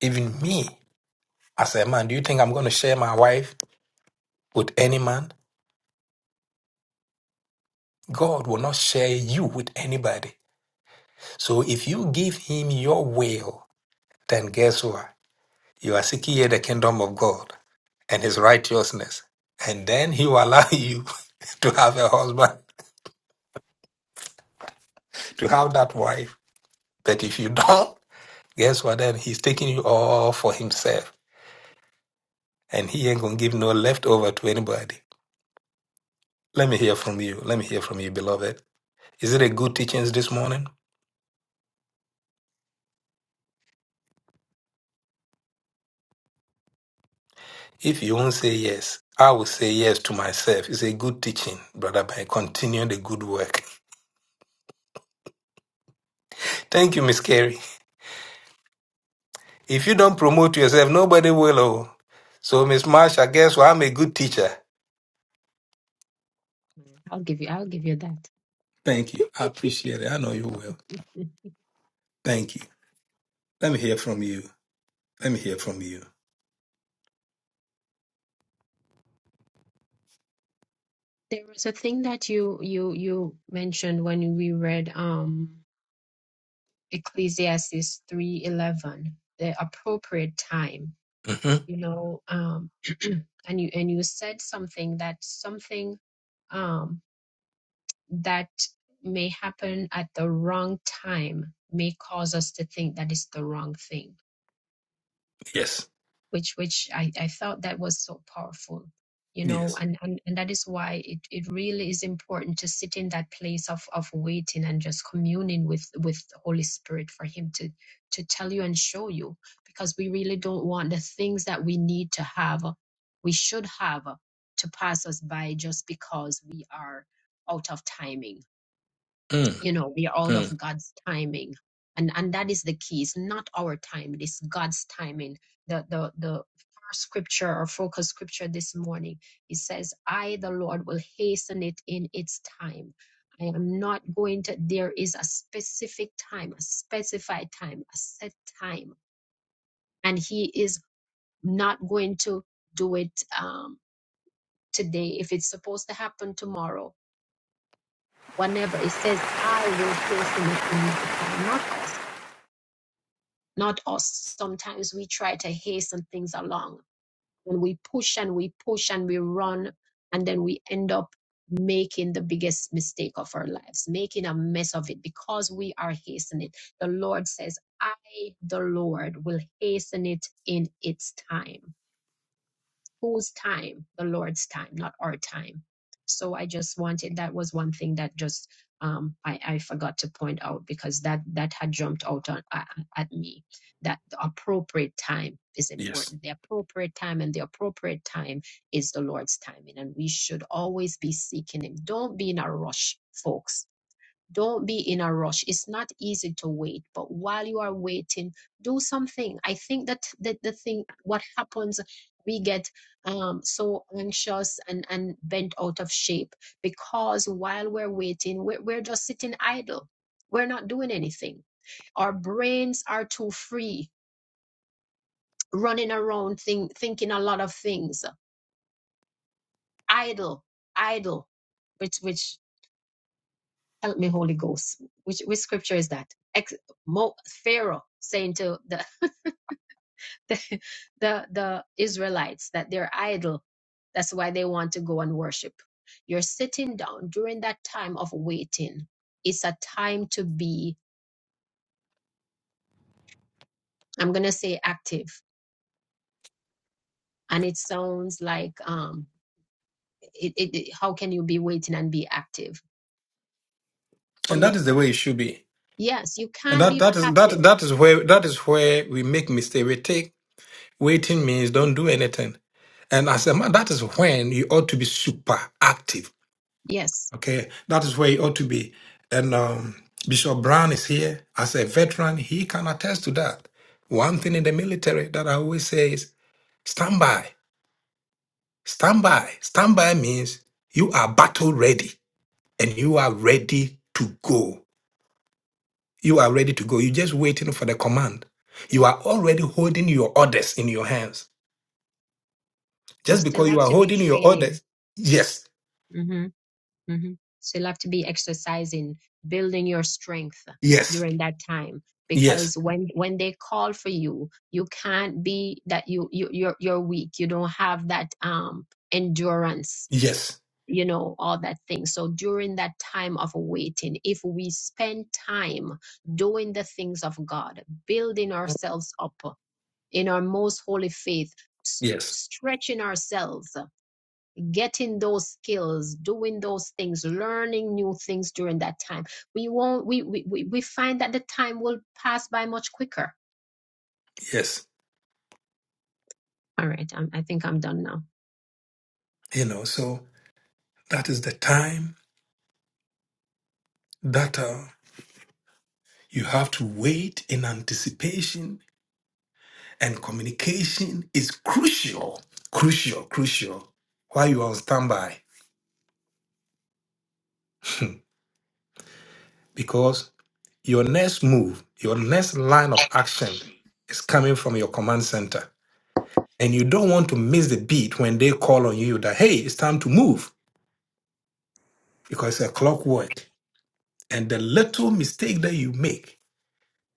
A: even me as a man, do you think I'm going to share my wife with any man? God will not share you with anybody. So if you give him your will, then guess what? You are seeking ye the kingdom of God and his righteousness. And then he will allow you to have a husband, to have that wife. But if you don't, guess what? Then he's taking you all for himself. And he ain't gonna give no leftover to anybody. Let me hear from you. Let me hear from you, beloved. Is it a good teachings this morning? If you won't say yes, I will say yes to myself. It's a good teaching, brother. By continue the good work. Thank you, Miss Carey. If you don't promote yourself, nobody will. Oh. So, Miss Marsha, guess what? I'm a good teacher.
B: I'll give you, I'll give you that.
A: Thank you. I appreciate it. I know you will. Thank you. Let me hear from you. Let me hear from you.
B: There was a thing that you, you, you mentioned when we read, um, Ecclesiastes 3:11, the appropriate time.
A: hmm
B: you know um and you and you said something that something um that may happen at the wrong time may cause us to think that it's the wrong thing
A: Yes.
B: which which I, I felt that was so powerful you know
A: Yes.
B: and, and and that is why it, it really is important to sit in that place of of waiting and just communing with with the holy spirit for him to to tell you and show you because we really don't want the things that we need to have we should have to pass us by just because we are out of timing
A: Mm,
B: you know we are out of
A: mm,
B: god's timing and and that is the key it's not our time it is god's timing the the the first scripture or focus scripture this morning it says i the lord will hasten it in its time i am not going to there is a specific time a specified time a set time and he is not going to do it um today if it's supposed to happen tomorrow whenever it says i will hasten it in my time not us not us. Sometimes we try to hasten things along. When we push and we push and we run, and then we end up making the biggest mistake of our lives, making a mess of it because we are hastening. The Lord says, I, the Lord, will hasten it in its time whose time the lord's time not our time so i just wanted that was one thing that just um, I, I forgot to point out because that that had jumped out on, uh, at me that the appropriate time is
A: yes.
B: important the appropriate time and the appropriate time is the lord's timing and we should always be seeking him don't be in a rush folks don't be in a rush. It's not easy to wait, but while you are waiting, do something. I think that the, the thing, what happens, we get um, so anxious and, and bent out of shape because while we're waiting, we're, we're just sitting idle. We're not doing anything our brains are too free running around think, thinking a lot of things idle idle which which Help me, Holy Ghost. Which which scripture is that? Ex- Mo- Pharaoh saying to the, the the the Israelites that they're idle. That's why they want to go and worship. You're sitting down during that time of waiting. It's a time to be. I'm gonna say active, and it sounds like um, it, it, it- how can you be waiting and be active? But
A: And
B: you
A: that is the
B: can't.
A: way it should be.
B: Yes, you
A: And
B: can't
A: that,
B: be
A: that is that
B: passive.
A: that is where that is where we make mistake. We take waiting means don't do anything. And as a man, that is when you ought to be super active
B: Yes,
A: Okay, that is where he ought to be. And um, Bishop Brown is here as a veteran. He can attest to that. One thing in the military that I always say is stand by, stand by. Stand by means you are battle ready and you are ready to go. You are ready to go. You're just waiting for the command.
B: yeah,
A: You are already holding your orders in your hands.
B: you
A: Just
B: still
A: because you
B: have
A: are
B: to be
A: holding your
B: training.
A: orders, yes,
B: Mm-hmm. hmm So you'll have to be exercising, building your strength
A: yes,
B: during that time.
A: yes,
B: Because when when they call for you, you can't be that you you you're you're weak. You don't have that um endurance,
A: yes,
B: you know, all that thing. So during that time of waiting, if we spend time doing the things of God, building ourselves up in our most holy faith, s-
A: yes,
B: stretching ourselves getting those skills, doing those things, learning new things during that time. We won't, we, we, we we find that the time will pass by much quicker.
A: yes.
B: All right. I'm, I think I'm done now.
A: You know, so. That is the time that uh, you have to wait in anticipation, and communication is crucial, crucial, crucial while you are on standby because your next move, your next line of action is coming from your command center. And you don't want to miss the beat when they call on you that, hey, it's time to move because it's a clockwork. And the little mistake that you make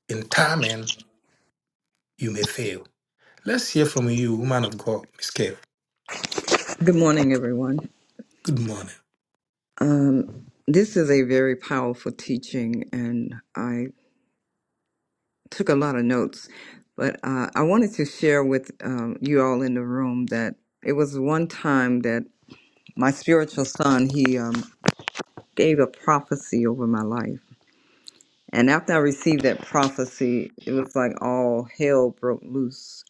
A: in timing, you may fail. Let's hear from you, woman of God, Miss Kay.
F: Good morning, everyone.
A: Good morning.
F: Um, this is a very powerful teaching, and I took a lot of notes. But uh, I wanted to share with um, you all in the room that it was one time that my spiritual son he um, gave a prophecy over my life, and after I received that prophecy, it was like all hell broke loose.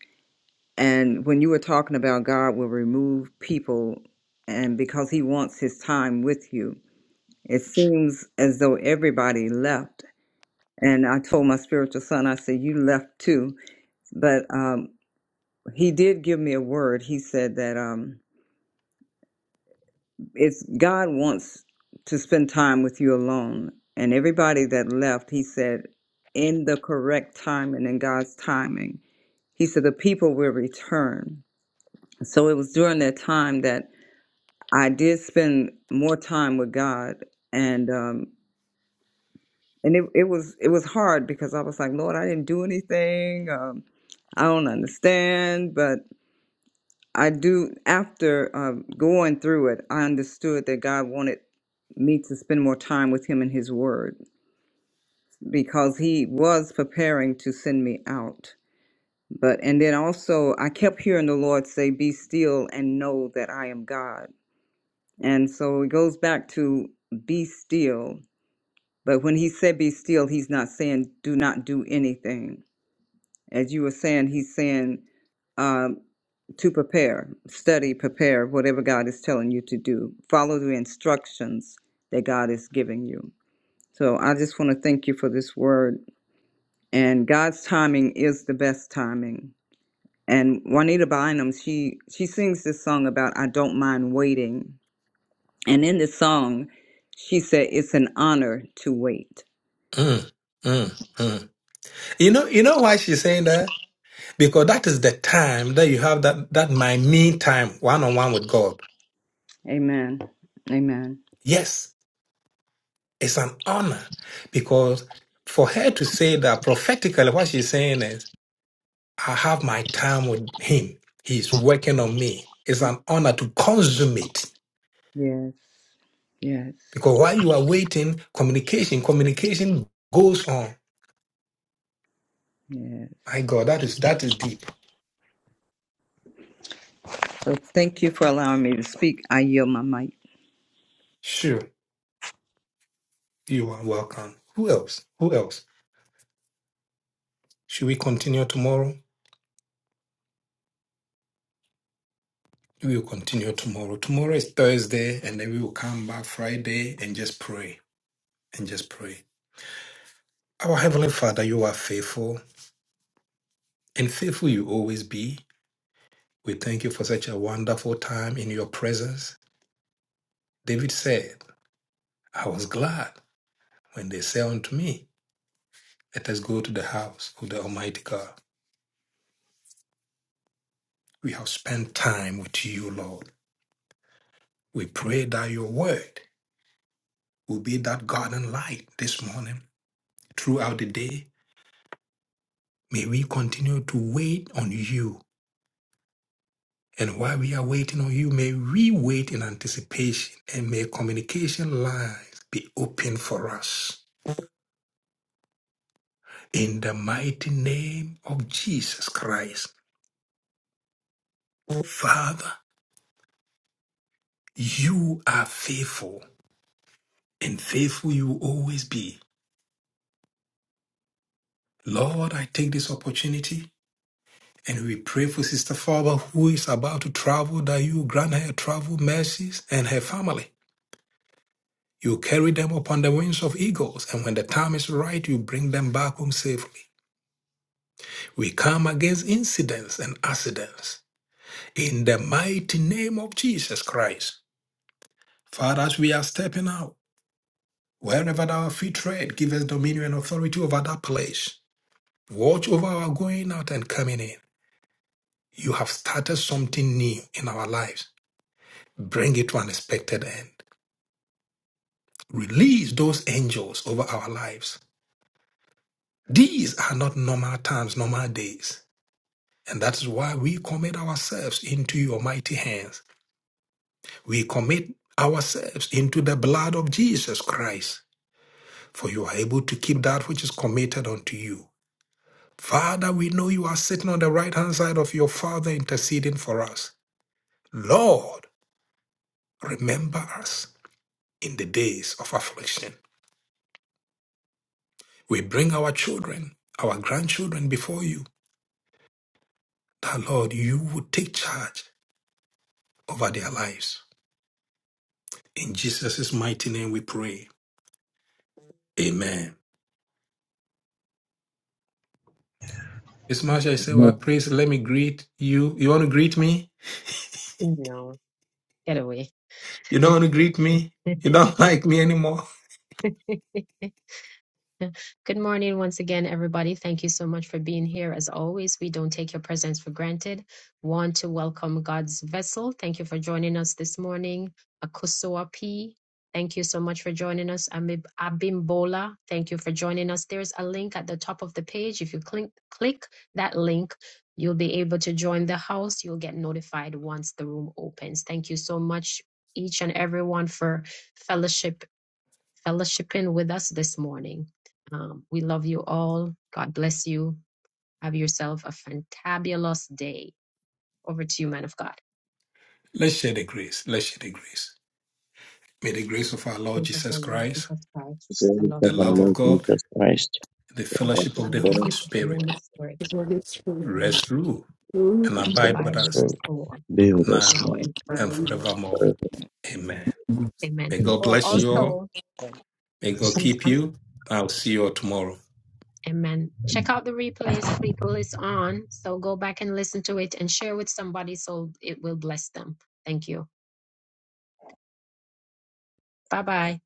F: And when you were talking about God will remove people, and because He wants His time with you, It seems as though everybody left. And I told my spiritual son, I said, You left too. But um, he did give me a word. He said that um, it's God wants to spend time with you alone. And everybody that left, he said, in the correct time and in God's timing, he said, the people will return. So it was during that time that I did spend more time with God. And um, and it, it was it was hard because I was like, Lord, I didn't do anything. Um, I don't understand, but I do. After um going through it, I understood that God wanted me to spend more time with Him and His Word because He was preparing to send me out. But and then also, I kept hearing the Lord say, "Be still and know that I am God." And so it goes back to be still. But when He said, "Be still," He's not saying, "Do not do anything." As you were saying, he's saying um, to prepare, study, prepare, whatever God is telling you to do. Follow the instructions that God is giving you. So I just want to thank you for this word. And God's timing is the best timing. And Juanita Bynum, she she sings this song about I don't mind waiting. And in this song, she said it's an honor to wait.
A: Mm, mm, mm. You know, you know why she's saying that? Because that is the time that you have that that my me time one on one with God.
F: Amen. Amen.
A: Yes, it's an honor because for her to say that prophetically, what she's saying is, I have my time with Him. He's working on me. It's an honor to consummate
F: Yes. Yes.
A: because while you are waiting, communication, communication goes on.
F: Yes.
A: My God, that is that is deep.
F: So thank you for allowing me to speak. I yield my mic.
A: Sure, you are welcome. Who else? Who else? Should we continue tomorrow? We will continue tomorrow. Tomorrow is Thursday, and then we will come back Friday and just pray and just pray. Our Heavenly Father, you are faithful, and faithful you always be. We thank you for such a wonderful time in your presence. David said, I was glad when they said unto me, Let us go to the house of the Almighty God. We have spent time with you, Lord. We pray that your word will be that garden light this morning throughout the day May we continue to wait on you. And while we are waiting on you, may we wait in anticipation and may communication lines be open for us. In the mighty name of Jesus Christ, oh Father, you are faithful and faithful you will always be. Lord, I take this opportunity and we pray for Sister Farber, who is about to travel, that you grant her travel mercies and her family. You carry them upon the wings of eagles, and when the time is right, you bring them back home safely. We come against incidents and accidents. In the mighty name of Jesus Christ, Father, as we are stepping out, wherever our feet tread, give us dominion and authority over that place. Watch over our going out and coming in. You have started something new in our lives. Bring it to an expected end. Release those angels over our lives. These are not normal times, normal days. And that is why we commit ourselves into your mighty hands. We commit ourselves into the blood of Jesus Christ, for you are able to keep that which is committed unto you. Father, we know you are sitting on the right hand side of your Father interceding for us. Lord, remember us in the days of affliction. We bring our children, our grandchildren before you, that Lord, you would take charge over their lives. In Jesus' mighty name we pray. Amen. It's much I
B: Amen.
A: say, well, please let me greet you. You want to greet me?
B: No, get away.
A: You don't want to greet me? You don't like me anymore?
B: Good morning once again, everybody. Thank you so much for being here. As always, we don't take your presence for granted. Want to welcome God's vessel. Thank you for joining us this morning. Akusoa P. Thank you so much for joining us. Amib- Abimbola, thank you for joining us. There's a link at the top of the page. If you click, click that link, you'll be able to join the house. You'll get notified once the room opens. Thank you so much, each and everyone, for fellowshipping fellowshipping with us this morning. Um, we love you all. God bless you. Have yourself a fantabulous day. Over to you, man of God.
A: Let's share the grace. Let's share the grace. May the grace of our Lord
B: Praise of
A: Jesus
B: our Lord
A: Christ,
B: Jesus Christ, the love
A: the
B: of
A: love
B: God,
A: of
E: Lord
A: God,
E: Jesus Christ,
A: the
B: the
E: and
A: fellowship
E: the
A: of the
E: Father
A: Holy
B: fellowship of the
A: Spirit
B: Holy Spirit,
G: Holy Spirit,
B: and
A: rest, rule,
G: move
A: and
B: the
E: of
A: abide with
E: the
B: Bible
A: us
B: and
E: Spirit,
B: so on,
E: be with us
A: now
E: now.
B: now
E: and
B: and
A: and
G: on.
B: forevermore.
A: forevermore.
E: forever.
A: Amen.
B: Amen.
A: May God
B: Oh,
A: bless you
E: Amen.
A: all.
B: also,
A: May God
B: I'm,
A: keep
B: I'm,
A: you. I'll see you all tomorrow.
B: amen. Check out the replays, people. It's on. So go back and listen to it and share with somebody so it will bless them. Thank you. Bye bye.